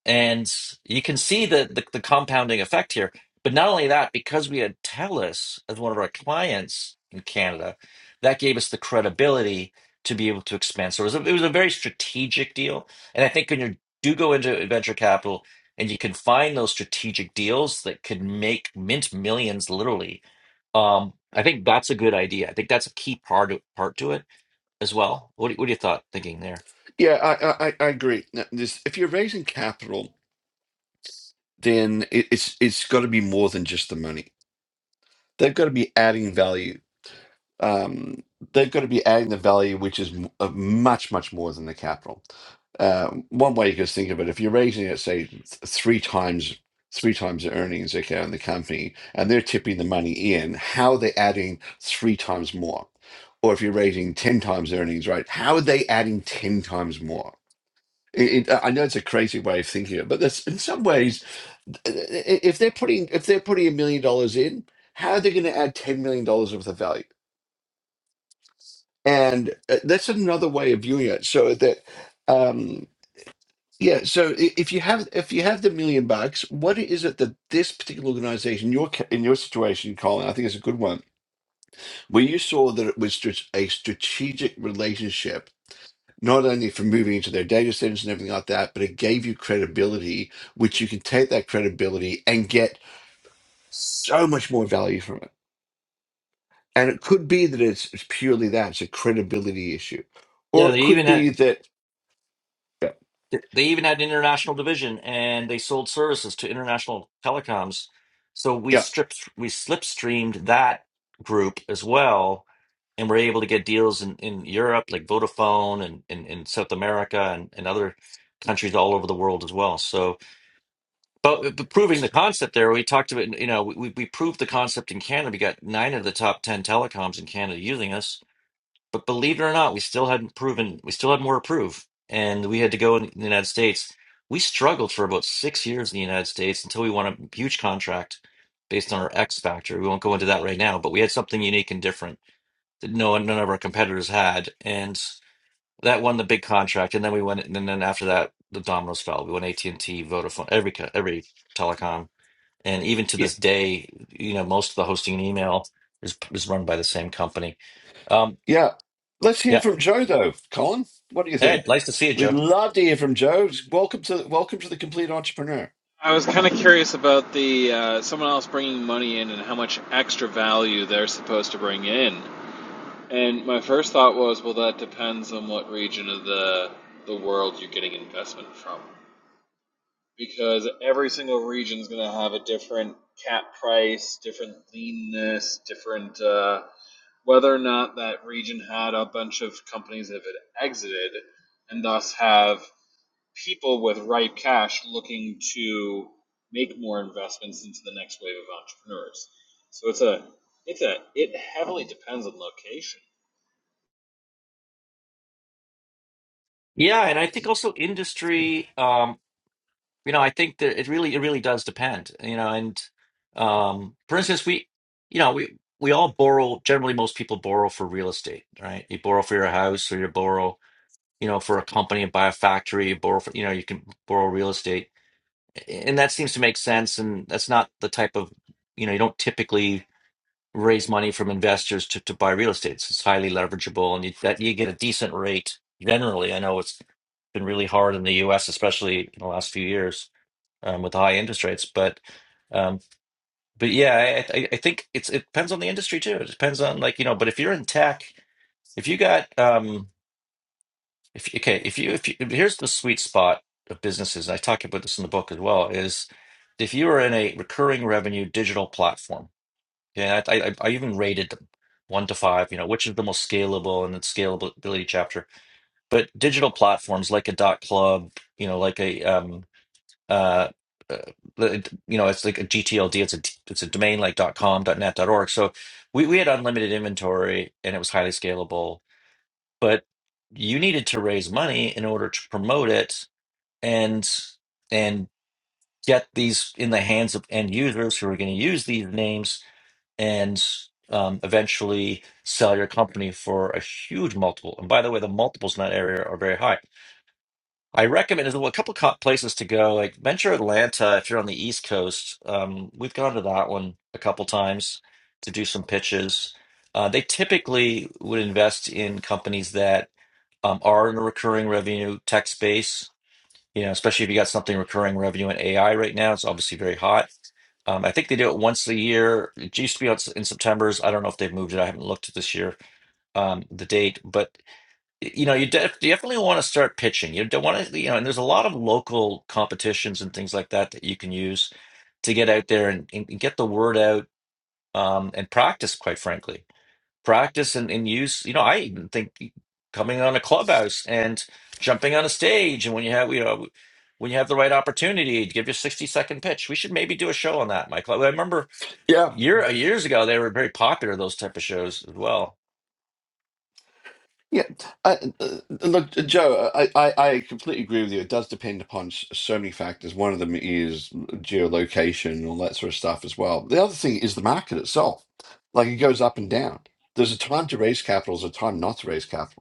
S1: And you can see the, the, the compounding effect here. But not only that, because we had TELUS as one of our clients in Canada, that gave us the credibility to be able to expand. So it was a, it was a very strategic deal. And I think when you do go into venture capital and you can find those strategic deals that could make mint millions literally, um, I think that's a good idea. I think that's a key part part to it as well. What, do- what are your thought thinking there?
S2: yeah i i, I I agree Now, this if you're raising capital then it, it's it's got to be more than just the money they've got to be adding value um, they've got to be adding the value, which is m- uh, much, much more than the capital. Uh, one way you could think of it, if you're raising it, say, th- three times three times the earnings okay, in the company, and they're tipping the money in, how are they adding three times more? Or if you're raising 10 times earnings, right, how are they adding 10 times more? It, it, I know it's a crazy way of thinking it, but that's, in some ways, i- i- if they're putting if they're putting a million dollars in, how are they going to add ten million dollars worth of value? and uh, that's another way of viewing it so that um yeah so i- if you have if you have the million bucks what is it that this particular organization your ca- in your situation colin i think it's a good one where you saw that it was just a strategic relationship not only for moving into their data centers and everything like that but it gave you credibility which you can take that credibility and get so much more value from it and it could be that it's it's purely that it's a credibility issue or
S1: Yeah,
S2: it
S1: they
S2: could
S1: even
S2: be
S1: had.
S2: that
S1: Th- They even had an international division, and they sold services to international telecoms. So we
S2: yeah.
S1: stripped, we slipstreamed that group as well, and we're able to get deals in, in Europe, like Vodafone, and in, in South America, and, and other countries all over the world as well. So, but, but proving the concept there, we talked about, you know, we, we proved the concept in Canada. We got nine of the top 10 telecoms in Canada using us but believe it or not, we still hadn't proven, we still had more to prove. And we had to go in the United States. We struggled for about six years in the United States until we won a huge contract based on our X factor. We won't go into that right now, but we had something unique and different that no one, none of our competitors had. And that won the big contract. And then we went, and then after that, the dominoes fell. We won AT&T, Vodafone, every, co- every telecom. And even to
S2: Yeah,
S1: this day, you know, most of the hosting and email is, is run by the same company. Um,
S2: yeah. Let's
S1: yeah,
S2: hear from Joe though, Colin. What do you
S1: Hey,
S2: think?
S1: nice to see you,
S2: We'd
S1: Joe.
S2: love to hear from Joe. Welcome to welcome to the Complete Entrepreneur.
S3: I was kind of curious about the uh, someone else bringing money in and how much extra value they're supposed to bring in. And my first thought was, well, that depends on what region of the the world you're getting investment from, because every single region is going to have a different cap price, different leanness, different uh, whether or not that region had a bunch of companies that had exited, and thus have people with ripe cash looking to make more investments into the next wave of entrepreneurs. So it's a it's a it heavily depends on location.
S1: Yeah, and I think also industry, um, you know, I think that it really it really does depend, you know, and um, for instance, we, you know, we we all borrow, generally most people borrow for real estate, right? You borrow for your house or you borrow, you know, for a company and buy a factory, you borrow for, you know, you can borrow real estate. And that seems to make sense and that's not the type of, you know, you don't typically raise money from investors to, to buy real estate. So it's highly leverageable and you, that you get a decent rate generally. I know it's been really hard in the US, especially in the last few years um, with the high interest rates. But um, but yeah, I, I I think it's it depends on the industry too. It depends on like, you know, but if you're in tech, if you got um if okay, if you if you here's the sweet spot of businesses, and I talk about this in the book as well, is if you are in a recurring revenue digital platform yeah, I, I I even rated them one to five, you know, which is the most scalable in the scalability chapter. But digital platforms like a dot club, you know, like a um uh, uh like, you know, it's like a GTLD, it's a d- it's a domain like dot com, dot net, dot org. So we, we had unlimited inventory and it was highly scalable, but you needed to raise money in order to promote it and and get these in the hands of end users who are going to use these names and um, eventually sell your company for a huge multiple. And by the way, the multiples in that area are very high. I recommend there's a couple of co- places to go, like Venture Atlanta. If you're on the East Coast, um, we've gone to that one a couple times to do some pitches. Uh, they typically would invest in companies that um, are in a recurring revenue tech space. You know, especially if you got something recurring revenue in AI right now, it's obviously very hot um, I think they do it once a year. It used to be out in September's. I don't know if they've moved it. I haven't looked at this year, um, the date, but you know, you, def you definitely want to start pitching. You don't want to, you know, and there's a lot of local competitions and things like that that you can use to get out there and, and get the word out, um, and practice, quite frankly. Practice and, and use, you know, I even think coming on a clubhouse and jumping on a stage and when you have, you know, when you have the right opportunity, to give your 60 second pitch. We should maybe do a show on that, Michael. I remember
S2: Yeah,
S1: Year uh, years ago, they were very popular, those type of shows as well.
S2: yeah. I, uh, look, uh, Joe, I, I I completely agree with you. It does depend upon s- so many factors. One of them is geolocation and all that sort of stuff as well. The other thing is the market itself. Like it goes up and down. There's a time to raise capital. There's a time not to raise capital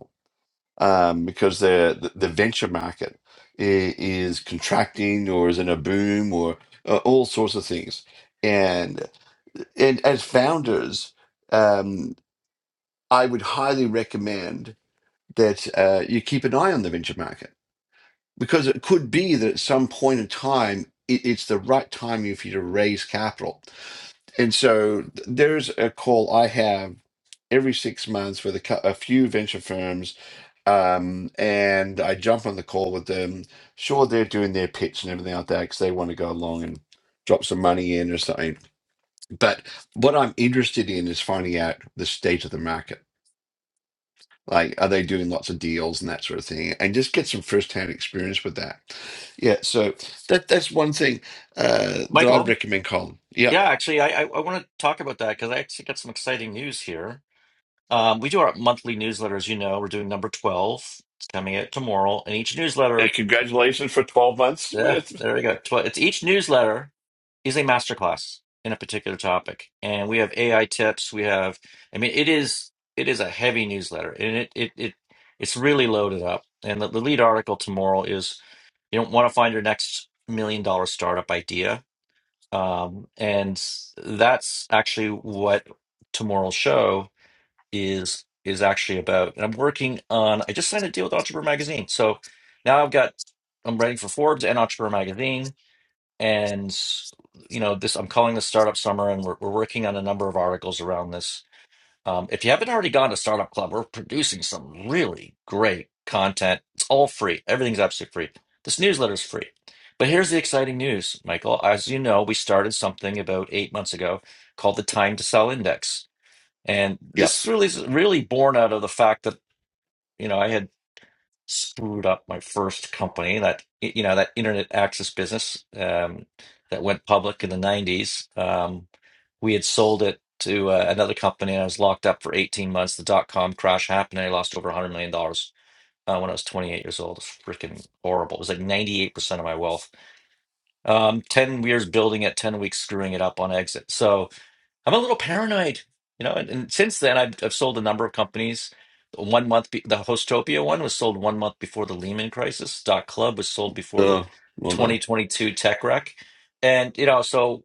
S2: um, because the, the venture market i- is contracting or is in a boom or uh, all sorts of things. And and as founders, um, I would highly recommend that uh, you keep an eye on the venture market because it could be that at some point in time. it- It's the right timing for you to raise capital, and so th- there's a call I have every six months with a, cou- a few venture firms um, and I jump on the call with them. Sure, they're doing their pitch and everything like that because they want to go along and drop some money in or something. But what I'm interested in is finding out the state of the market. Like, are they doing lots of deals and that sort of thing? And just get some firsthand experience with that. Yeah, so that that's one thing uh, that I'd
S1: Michael,
S2: recommend, Colin. Yeah.
S1: yeah, actually, I I, I want to talk about that because I actually got some exciting news here. Um, we do our monthly newsletter, as you know. We're doing number 12. It's coming out tomorrow. And each
S2: And
S1: newsletter,
S2: congratulations for 12 months
S1: yeah,
S2: with.
S1: there we go. 12, it's each newsletter is a masterclass in a particular topic. And we have AI tips. We have, I mean, it is it is a heavy newsletter and it it, it it's really loaded up. And the, the lead article tomorrow is you don't want to find your next million dollar startup idea. Um, and that's actually what tomorrow's show is is actually about. And I'm working on I just signed a deal with Entrepreneur Magazine. So now I've got I'm writing for Forbes and Entrepreneur Magazine. And you know, this I'm calling this startup summer and we're we're working on a number of articles around this um, if you haven't already gone to Startup Club, we're producing some really great content. It's all free. Everything's absolutely free. This newsletter is free. But here's the exciting news, Michael. As you know, we started something about eight months ago called the Time to Sell Index. And
S2: Yeah.
S1: this really is really born out of the fact that, you know, I had screwed up my first company that you know that internet access business um, that went public in the 90s um, we had sold it to uh, another company and i was locked up for 18 months the dot-com crash happened and i lost over 100 million dollars uh, when i was 28 years old It's freaking horrible it was like 98% of my wealth um, 10 years building it 10 weeks screwing it up on exit so I'm a little paranoid, you know. And, and since then, I've, I've sold a number of companies. One month, be, the Hostopia one was sold one month before the Lehman crisis. Dot Club was sold before the
S2: Oh, well done.
S1: 2022 tech wreck, and you know, so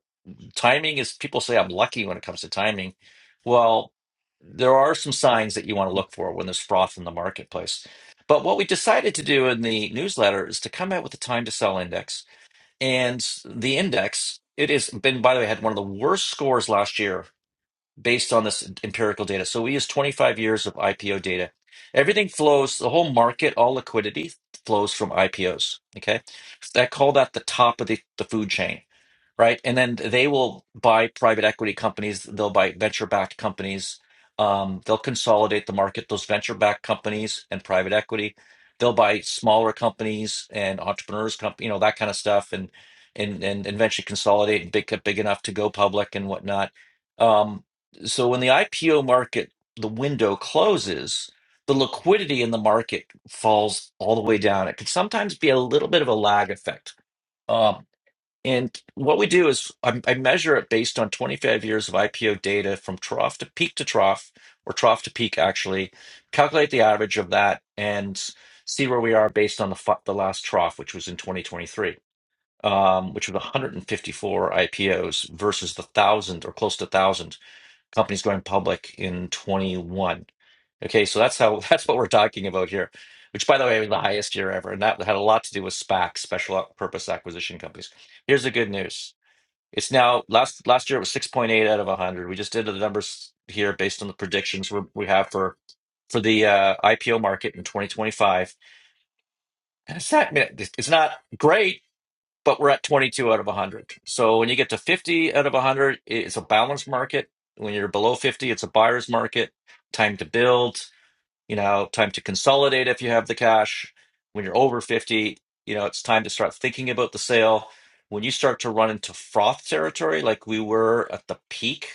S1: timing is. People say I'm lucky when it comes to timing. Well, there are some signs that you want to look for when there's froth in the marketplace. But what we decided to do in the newsletter is to come out with a time to sell index, and the index it has been. By the way, had one of the worst scores last year based on this empirical data. So we use 25 years of IPO data. Everything flows, the whole market, all liquidity flows from IPOs. Okay. I call that the top of the, the food chain right? And then they will buy private equity companies, they'll buy venture-backed companies, um, they'll consolidate the market, those venture-backed companies and private equity. They'll buy smaller companies and entrepreneurs, comp you know, that kind of stuff, and and and eventually consolidate and big big enough to go public and whatnot. Um, so when the IPO market, the window closes, the liquidity in the market falls all the way down. It can sometimes be a little bit of a lag effect. Um, and what we do is I, I measure it based on 25 years of IPO data from trough to peak to trough, or trough to peak, actually, calculate the average of that and see where we are based on the, fi- the last trough, which was in 2023, um, which was 154 IPOs versus the one thousand or close to one thousand companies going public in 21. Okay, so that's how that's what we're talking about here, which by the way was the highest year ever, and that had a lot to do with SPAC, special purpose acquisition companies. Here's the good news: it's now last last year it was 6.8 out of 100. We just did the numbers here based on the predictions we we have for for the uh, IPO market in 2025. And it's not it's not great, but we're at 22 out of 100. So when you get to 50 out of 100, it's a balanced market. When you're below 50, it's a buyer's market. Time to build, you know, time to consolidate if you have the cash. When you're over 50, you know, it's time to start thinking about the sale. When you start to run into froth territory, like we were at the peak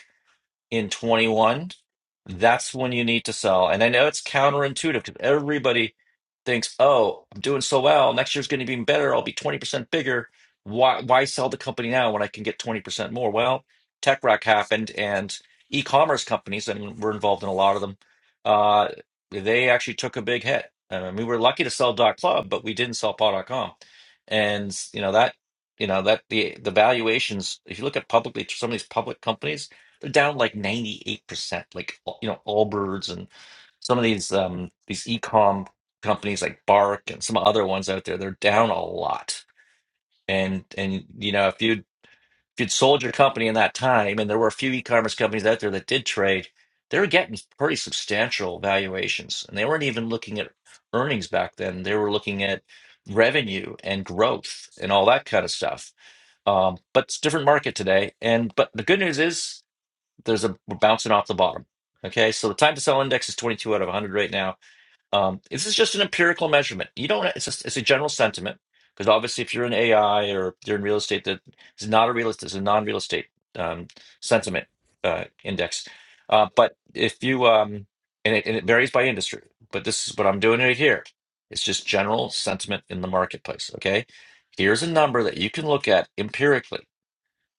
S1: in 21, that's when you need to sell. And I know it's counterintuitive because everybody thinks, "Oh, I'm doing so well. Next year's going to be even better. I'll be 20% bigger. Why why sell the company now when I can get 20% more?" Well, tech wreck happened and e-commerce companies, and we're involved in a lot of them, uh, they actually took a big hit. Um, we were lucky to sell dot club, but we didn't sell paw.com. And you know that you know that the the valuations, if you look at publicly some of these public companies they're down like 98%, like all- you know, Allbirds and some of these um these e-com companies like Bark and some other ones out there, they're down a lot. And and you know, if you'd if you'd sold your company in that time and there were a few e-commerce companies out there that did trade, they were getting pretty substantial valuations. And they weren't even looking at earnings back then. They were looking at revenue and growth and all that kind of stuff. Um, but it's a different market today. And but the good news is there's a we're bouncing off the bottom. Okay, so the time to sell index is 22 out of 100 right now. Um, this is just an empirical measurement. You don't. It's just, it's a general sentiment because obviously, if you're in AI or you're in real estate, that is not a real estate. It's a non-real estate um, sentiment uh, index. Uh, but if you um, and it, and it varies by industry, but this is what I'm doing right here. It's just general sentiment in the marketplace. Okay, here's a number that you can look at empirically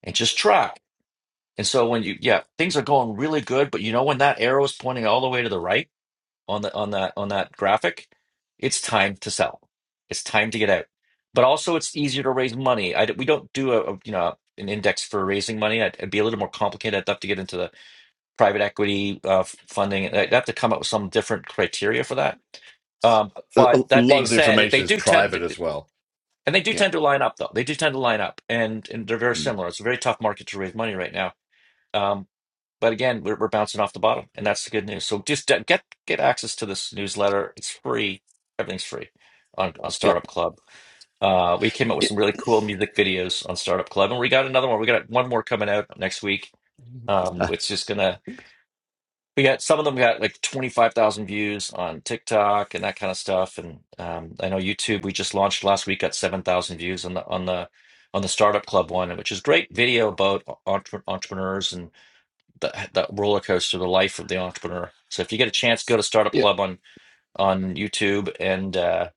S1: and just track and so when you, yeah, things are going really good, but you know when that arrow is pointing all the way to the right on the on that on that graphic, it's time to sell. It's time to get out. But also, it's easier to raise money. I, d- we don't do a, a, you know an index for raising money. I'd, it'd be a little more complicated. I'd have to get into the private equity uh, f- funding. I'd have to come up with some different criteria for that. Um,
S2: A,
S1: but
S2: a
S1: that
S2: lot
S1: being
S2: of the
S1: said, it- they
S2: information is
S1: do tend
S2: private
S1: to,
S2: as well.
S1: and they do
S2: Yeah.
S1: tend to line up though. They do tend to line up, and and they're very
S2: Mm.
S1: similar. It's a very tough market to raise money right now. Um, but again, we're, we're bouncing off the bottom, and that's the good news. So just de- get get access to this newsletter. It's free. Everything's free on, on
S2: Yep.
S1: Startup Club. Uh, we came up with
S2: Yeah.
S1: some really cool music videos on Startup Club, and we got another one. We got one more coming out next week. Um,
S2: Uh,
S1: it's just gonna. We got some of them got like twenty five thousand views on TikTok and that kind of stuff. And um, I know YouTube. We just launched last week. Got seven thousand views on the on the on the Startup Club one, which is great video about entre- entrepreneurs and that that roller coaster, the life of the entrepreneur. So if you get a chance, go to Startup
S2: Yeah,
S1: Club on on YouTube and uh,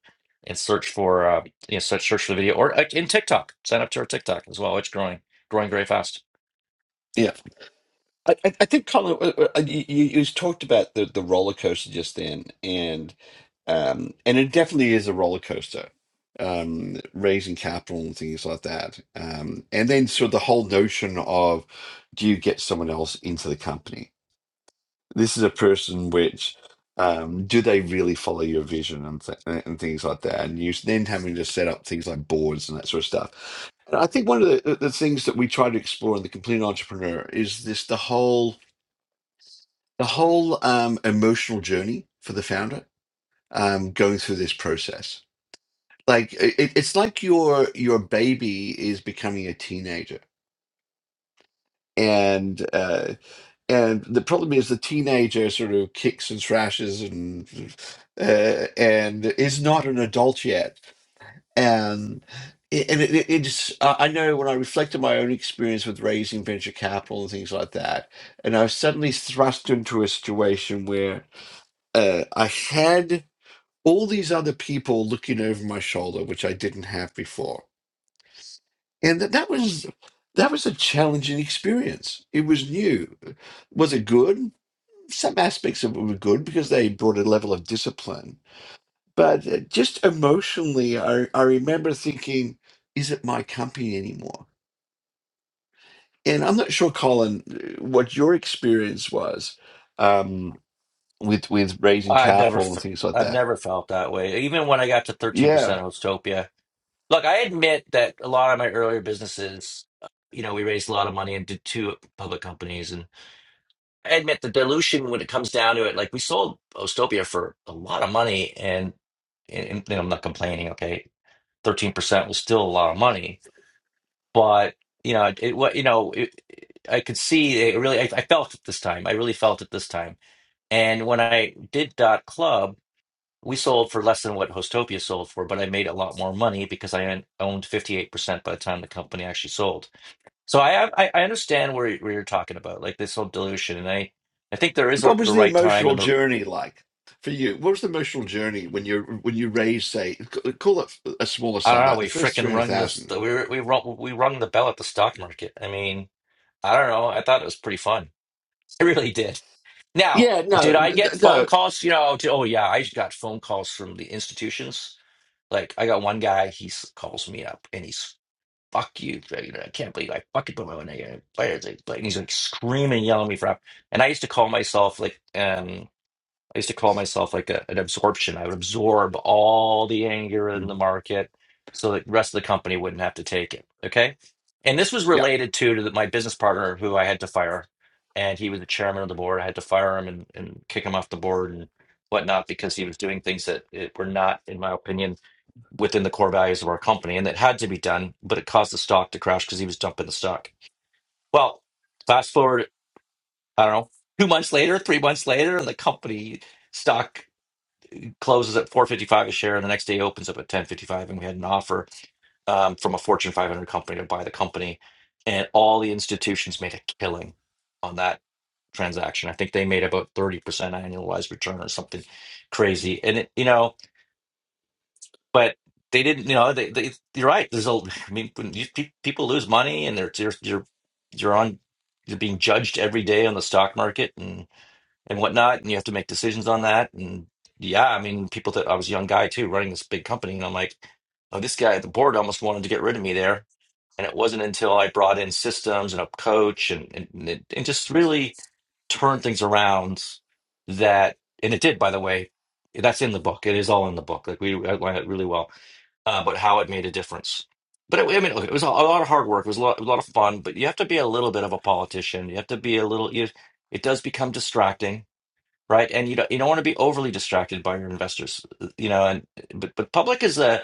S1: and search for uh, you know search search for the video or uh, in TikTok. Sign up to our TikTok as well. It's growing growing very fast.
S2: yeah. I, I I think Colin, uh, uh, uh, you, you you talked about the, the roller coaster just then, and um, and it definitely is a roller coaster, um, raising capital and things like that. Um, and then sort of the whole notion of do you get someone else into the company? this is a person which um, do they really follow your vision and th- and things like that, and you then having to set up things like boards and that sort of stuff. And I think one of the, the things that we try to explore in the Complete Entrepreneur is this the whole the whole um, emotional journey for the founder um, going through this process. Like it, it's like your your baby is becoming a teenager, and uh, And the problem is the teenager sort of kicks and thrashes and uh, and is not an adult yet. And it, and it, it- it's I I know when I reflect on my own experience with raising venture capital and things like that, and I was suddenly thrust into a situation where uh, I had all these other people looking over my shoulder, which I didn't have before, and that that was that was a challenging experience. It was new. Was it good? some aspects of it were good because they brought a level of discipline. But uh, just emotionally, I, I remember thinking, is it my company anymore? And I'm not sure, Colin, uh, what your experience was um, with with raising
S1: I've never
S2: capital
S1: f-
S2: and things like
S1: I've
S2: that.
S1: never felt that way. Even when I got to thirteen
S2: Yeah.
S1: percent of Hostopia. Look, I admit that a lot of my earlier businesses, you know, we raised a lot of money and did two public companies and. I admit the dilution when it comes down to it. Like we sold Ostopia for a lot of money, and, and, and you know, I'm not complaining. Okay, thirteen percent was still a lot of money, but you know, it, it what you know, it, I could see it really. I, I felt it this time. I really felt it this time. And when I did Dot Club, we sold for less than what Hostopia sold for, but I made a lot more money because I owned fifty eight percent by the time the company actually sold. So I have, I, I understand where you- where you're talking about, like this whole dilution, and I I think there is a,
S2: What
S1: the
S2: was the
S1: right time
S2: emotional
S1: and the
S2: journey like for you? What was the emotional journey when you when you raised, say, c- call it a smaller
S1: I
S2: sum,
S1: don't know.
S2: like
S1: We
S2: the first
S1: fricking
S2: three hundred
S1: rung this.
S2: thousand?
S1: the- We were- we rung, we rung the bell at the stock market. I mean, I don't know. I thought it was pretty fun. I really did. Now,
S2: Yeah. No.
S1: did
S2: n-
S1: I get
S2: n-
S1: phone
S2: No.
S1: calls? You know, to, oh yeah, I got phone calls from the institutions. Like I got one guy, he s- calls me up and he's fuck you. You know, I can't believe I fucking put my money in. And he's like screaming, yelling at me for. And I used to call myself like. um. I used to call myself like a, an absorption. I would absorb all the anger in the
S2: Mm.
S1: market so that the rest of the company wouldn't have to take it. Okay. And this was related to, to the, my business partner who I had to fire. And he was the chairman of the board. I had to fire him and, and kick him off the board and whatnot because he was doing things that it, were not, in my opinion, within the core values of our company. And that had to be done, but it caused the stock to crash because he was dumping the stock. Well, fast forward, I don't know, two months later, three months later, and the company stock closes at 455 a share and the next day opens up at 1055 and we had an offer um, from a fortune 500 company to buy the company and all the institutions made a killing on that transaction i think they made about 30% annualized return or something crazy and it, you know but they didn't you know they, they you're right there's a i mean when you, pe- people lose money and they're you're you're, you're on you're being judged every day on the stock market and whatnot, and you have to make decisions on that. And yeah, I mean, people that I was a young guy too, running this big company, and I'm like, oh, this guy at the board almost wanted to get rid of me there. And it wasn't until I brought in systems and a coach and and, and it, and just really turned things around that, and it did, by the way. That's in the book. It is all in the book. Like we outline it really well, uh, but how it made a difference. But it, I mean, look, it was a, a lot of hard work. It was a lot, a lot of fun. But you have to be a little bit of a politician. You have to be a little. You, it does become distracting right? And you don't you don't want to be overly distracted by your investors, you know. And but but public is a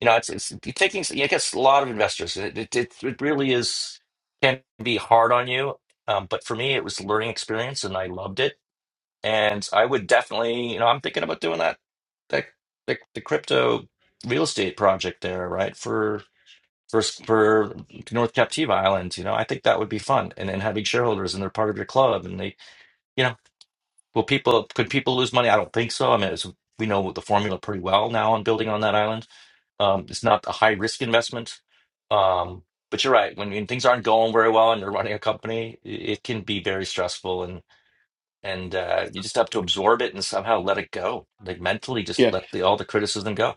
S1: you know it's it's taking I guess a lot of investors. It it, it, it really is can be hard on you. Um, but for me, it was a learning experience, and I loved it. And I would definitely you know I'm thinking about doing that that the, the crypto real estate project there, right? For for for North Captiva Island, you know, I think that would be fun, and then having shareholders and they're part of your club, and they you know Will people could people lose money? I don't think so. I mean, it's, we know the formula pretty well now on building on that island. Um, it's not a high risk investment. Um, but you're right. When, when things aren't going very well and you're running a company, it, it can be very stressful and and uh, you just have to absorb it and somehow let it go. Like mentally,
S2: Yeah.
S1: just let the, all the criticism go.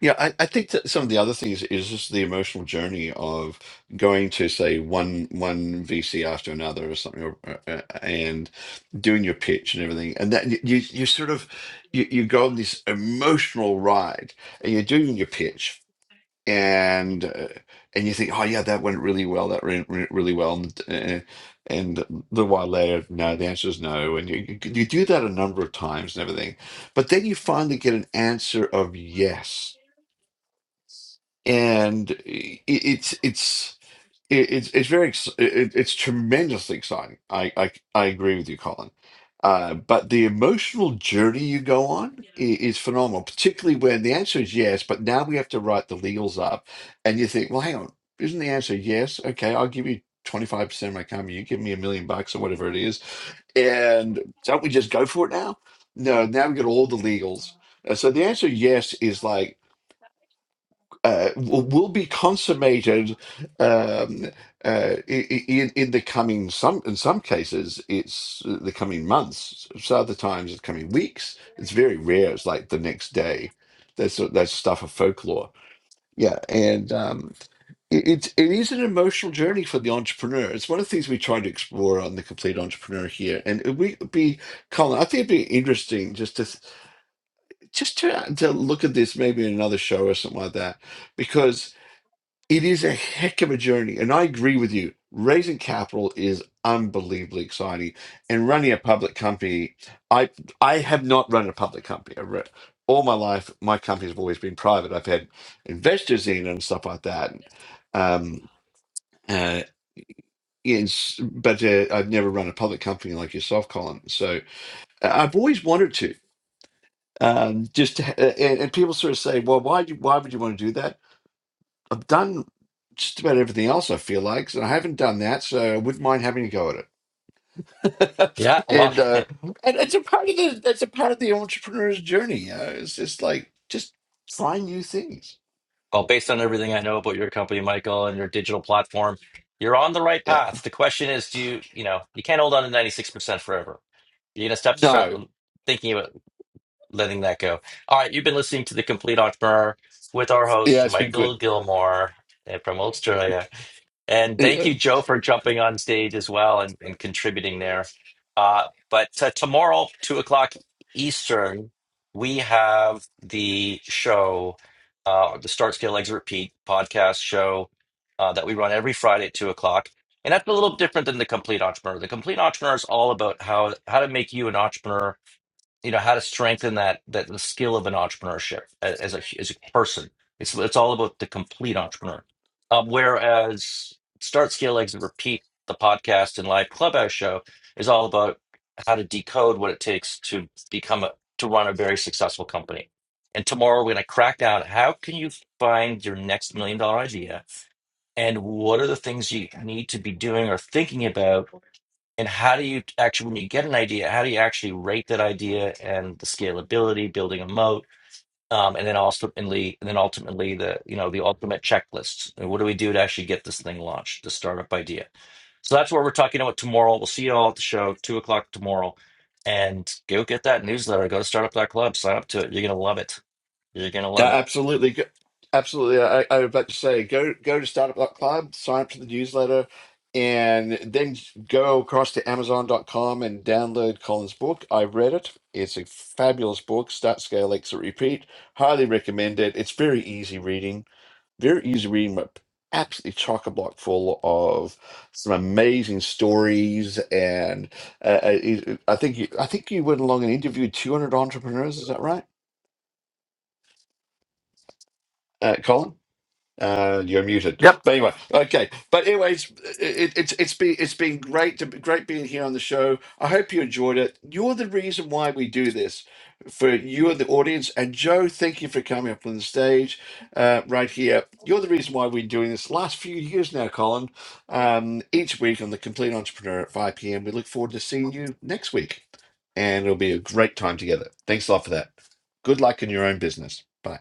S2: Yeah, I, I think that some of the other things is just the emotional journey of going to say one one VC after another or something, or, uh, uh, and doing your pitch and everything, and that you you sort of you, you go on this emotional ride, and you're doing your pitch, and uh, and you think, oh yeah, that went really well, that went re- really well, and, uh, and the while later, no, the answer is no, and you you you do that a number of times and everything, but then you finally get an answer of yes and i- it's it's i- it's it's very ex- i- it's tremendously exciting. I I, I agree with you, Colin. Uh, but the emotional journey you go on i- is phenomenal, particularly when the answer is yes, but now we have to write the legals up, and you think, well, hang on, isn't the answer yes? Okay, I'll give you 25% of my company, you give me a million bucks or whatever it is, and don't we just go for it now? No, now we've got all the legals. Uh, so the answer yes is like uh, will will be consummated um, uh, i- in in the coming some in some cases it's uh, the coming months. So other times it's coming weeks. It's very rare. It's like the next day. That's that's stuff of folklore. Yeah, and um, it, it's it is an emotional journey for the entrepreneur. It's one of the things we try to explore on the Complete Entrepreneur here, and it would be Colin. I think it'd be interesting just to just to to look at this maybe in another show or something like that because it is a heck of a journey, and I agree with you. Raising capital is unbelievably exciting, and running a public company. I I have not run a public company. I re- all my life, my companies have always been private. I've had investors in and stuff like that. Um, uh, yes, but uh, I've never run a public company like yourself, Colin. So uh, I've always wanted to. Um, just to, ha- uh, and, and people sort of say, "Well, why do, why would you want to do that?" I've done just about everything else I feel like, and I haven't done that, so I wouldn't mind having a go at it.
S1: Yeah. Well,
S2: and uh, and it's a part of the that's a part of the entrepreneur's journey. You know? It's just like just try new things.
S1: well, based on everything I know about your company, Michael, and your digital platform, you're on the right
S2: Yeah.
S1: path. The question is, do you you know you can't hold on to 96% forever, You know, stuff to start
S2: No.
S1: thinking about letting that go. All right, you've been listening to The Complete Entrepreneur with our
S2: Yeah,
S1: host,
S2: it's been good.
S1: Michael Gilmore eh, from Australia. And thank you, Joe, for jumping on stage as well and, and contributing there. Uh, but uh, tomorrow, two o'clock Eastern, we have the show, uh, the Start Scale Exit Repeat podcast show uh, that we run every Friday at two o'clock. And that's a little different than the Complete Entrepreneur. The Complete Entrepreneur is all about how how to make you an entrepreneur you know how to strengthen that that the skill of an entrepreneurship a- as a as a person. It's it's all about the complete entrepreneur. Um, whereas start, scale, exit, repeat, the podcast and live clubhouse show is all about how to decode what it takes to become a to run a very successful company. And tomorrow we're going to crack down how can you find your next million dollar idea and what are the things you need to be doing or thinking about and how do you actually, when you get an idea, how do you actually rate that idea and the scalability, building a moat, um, and then ultimately, and then ultimately the you know the ultimate checklists. And what do we do to actually get this thing launched, the startup idea? So that's what we're talking about tomorrow. We'll see you all at the show, two o'clock tomorrow, and go get that newsletter. Go to startup dot club. sign up to it. You're gonna love it. You're gonna
S2: Yeah,
S1: love it.
S2: absolutely. Go- Absolutely. I, I was about to say go go to Startup Club, sign up to the newsletter, and then go across to Amazon dot com and download Colin's book. I've read it. It's a fabulous book, Start Scale Exit Repeat. Highly recommend it. It's very easy reading, very easy reading, but absolutely chock a block full of some amazing stories. And uh, uh, I think you, I think you went along and interviewed 200 entrepreneurs. Is that right, uh, Colin? Uh, you're muted. But anyway, okay. But anyways, it, it's it's been it's been great to great being here on the show. I hope you enjoyed it. You're the reason why we do this for you and the audience. And Joe, thank you for coming up on the stage uh, right here. You're the reason why we're doing this last few years now, Colin. Um, each week on the Complete Entrepreneur at 5 p.m. We look forward to seeing you next week, and it'll be a great time together. Thanks a lot for that. Good luck in your own business. Bye.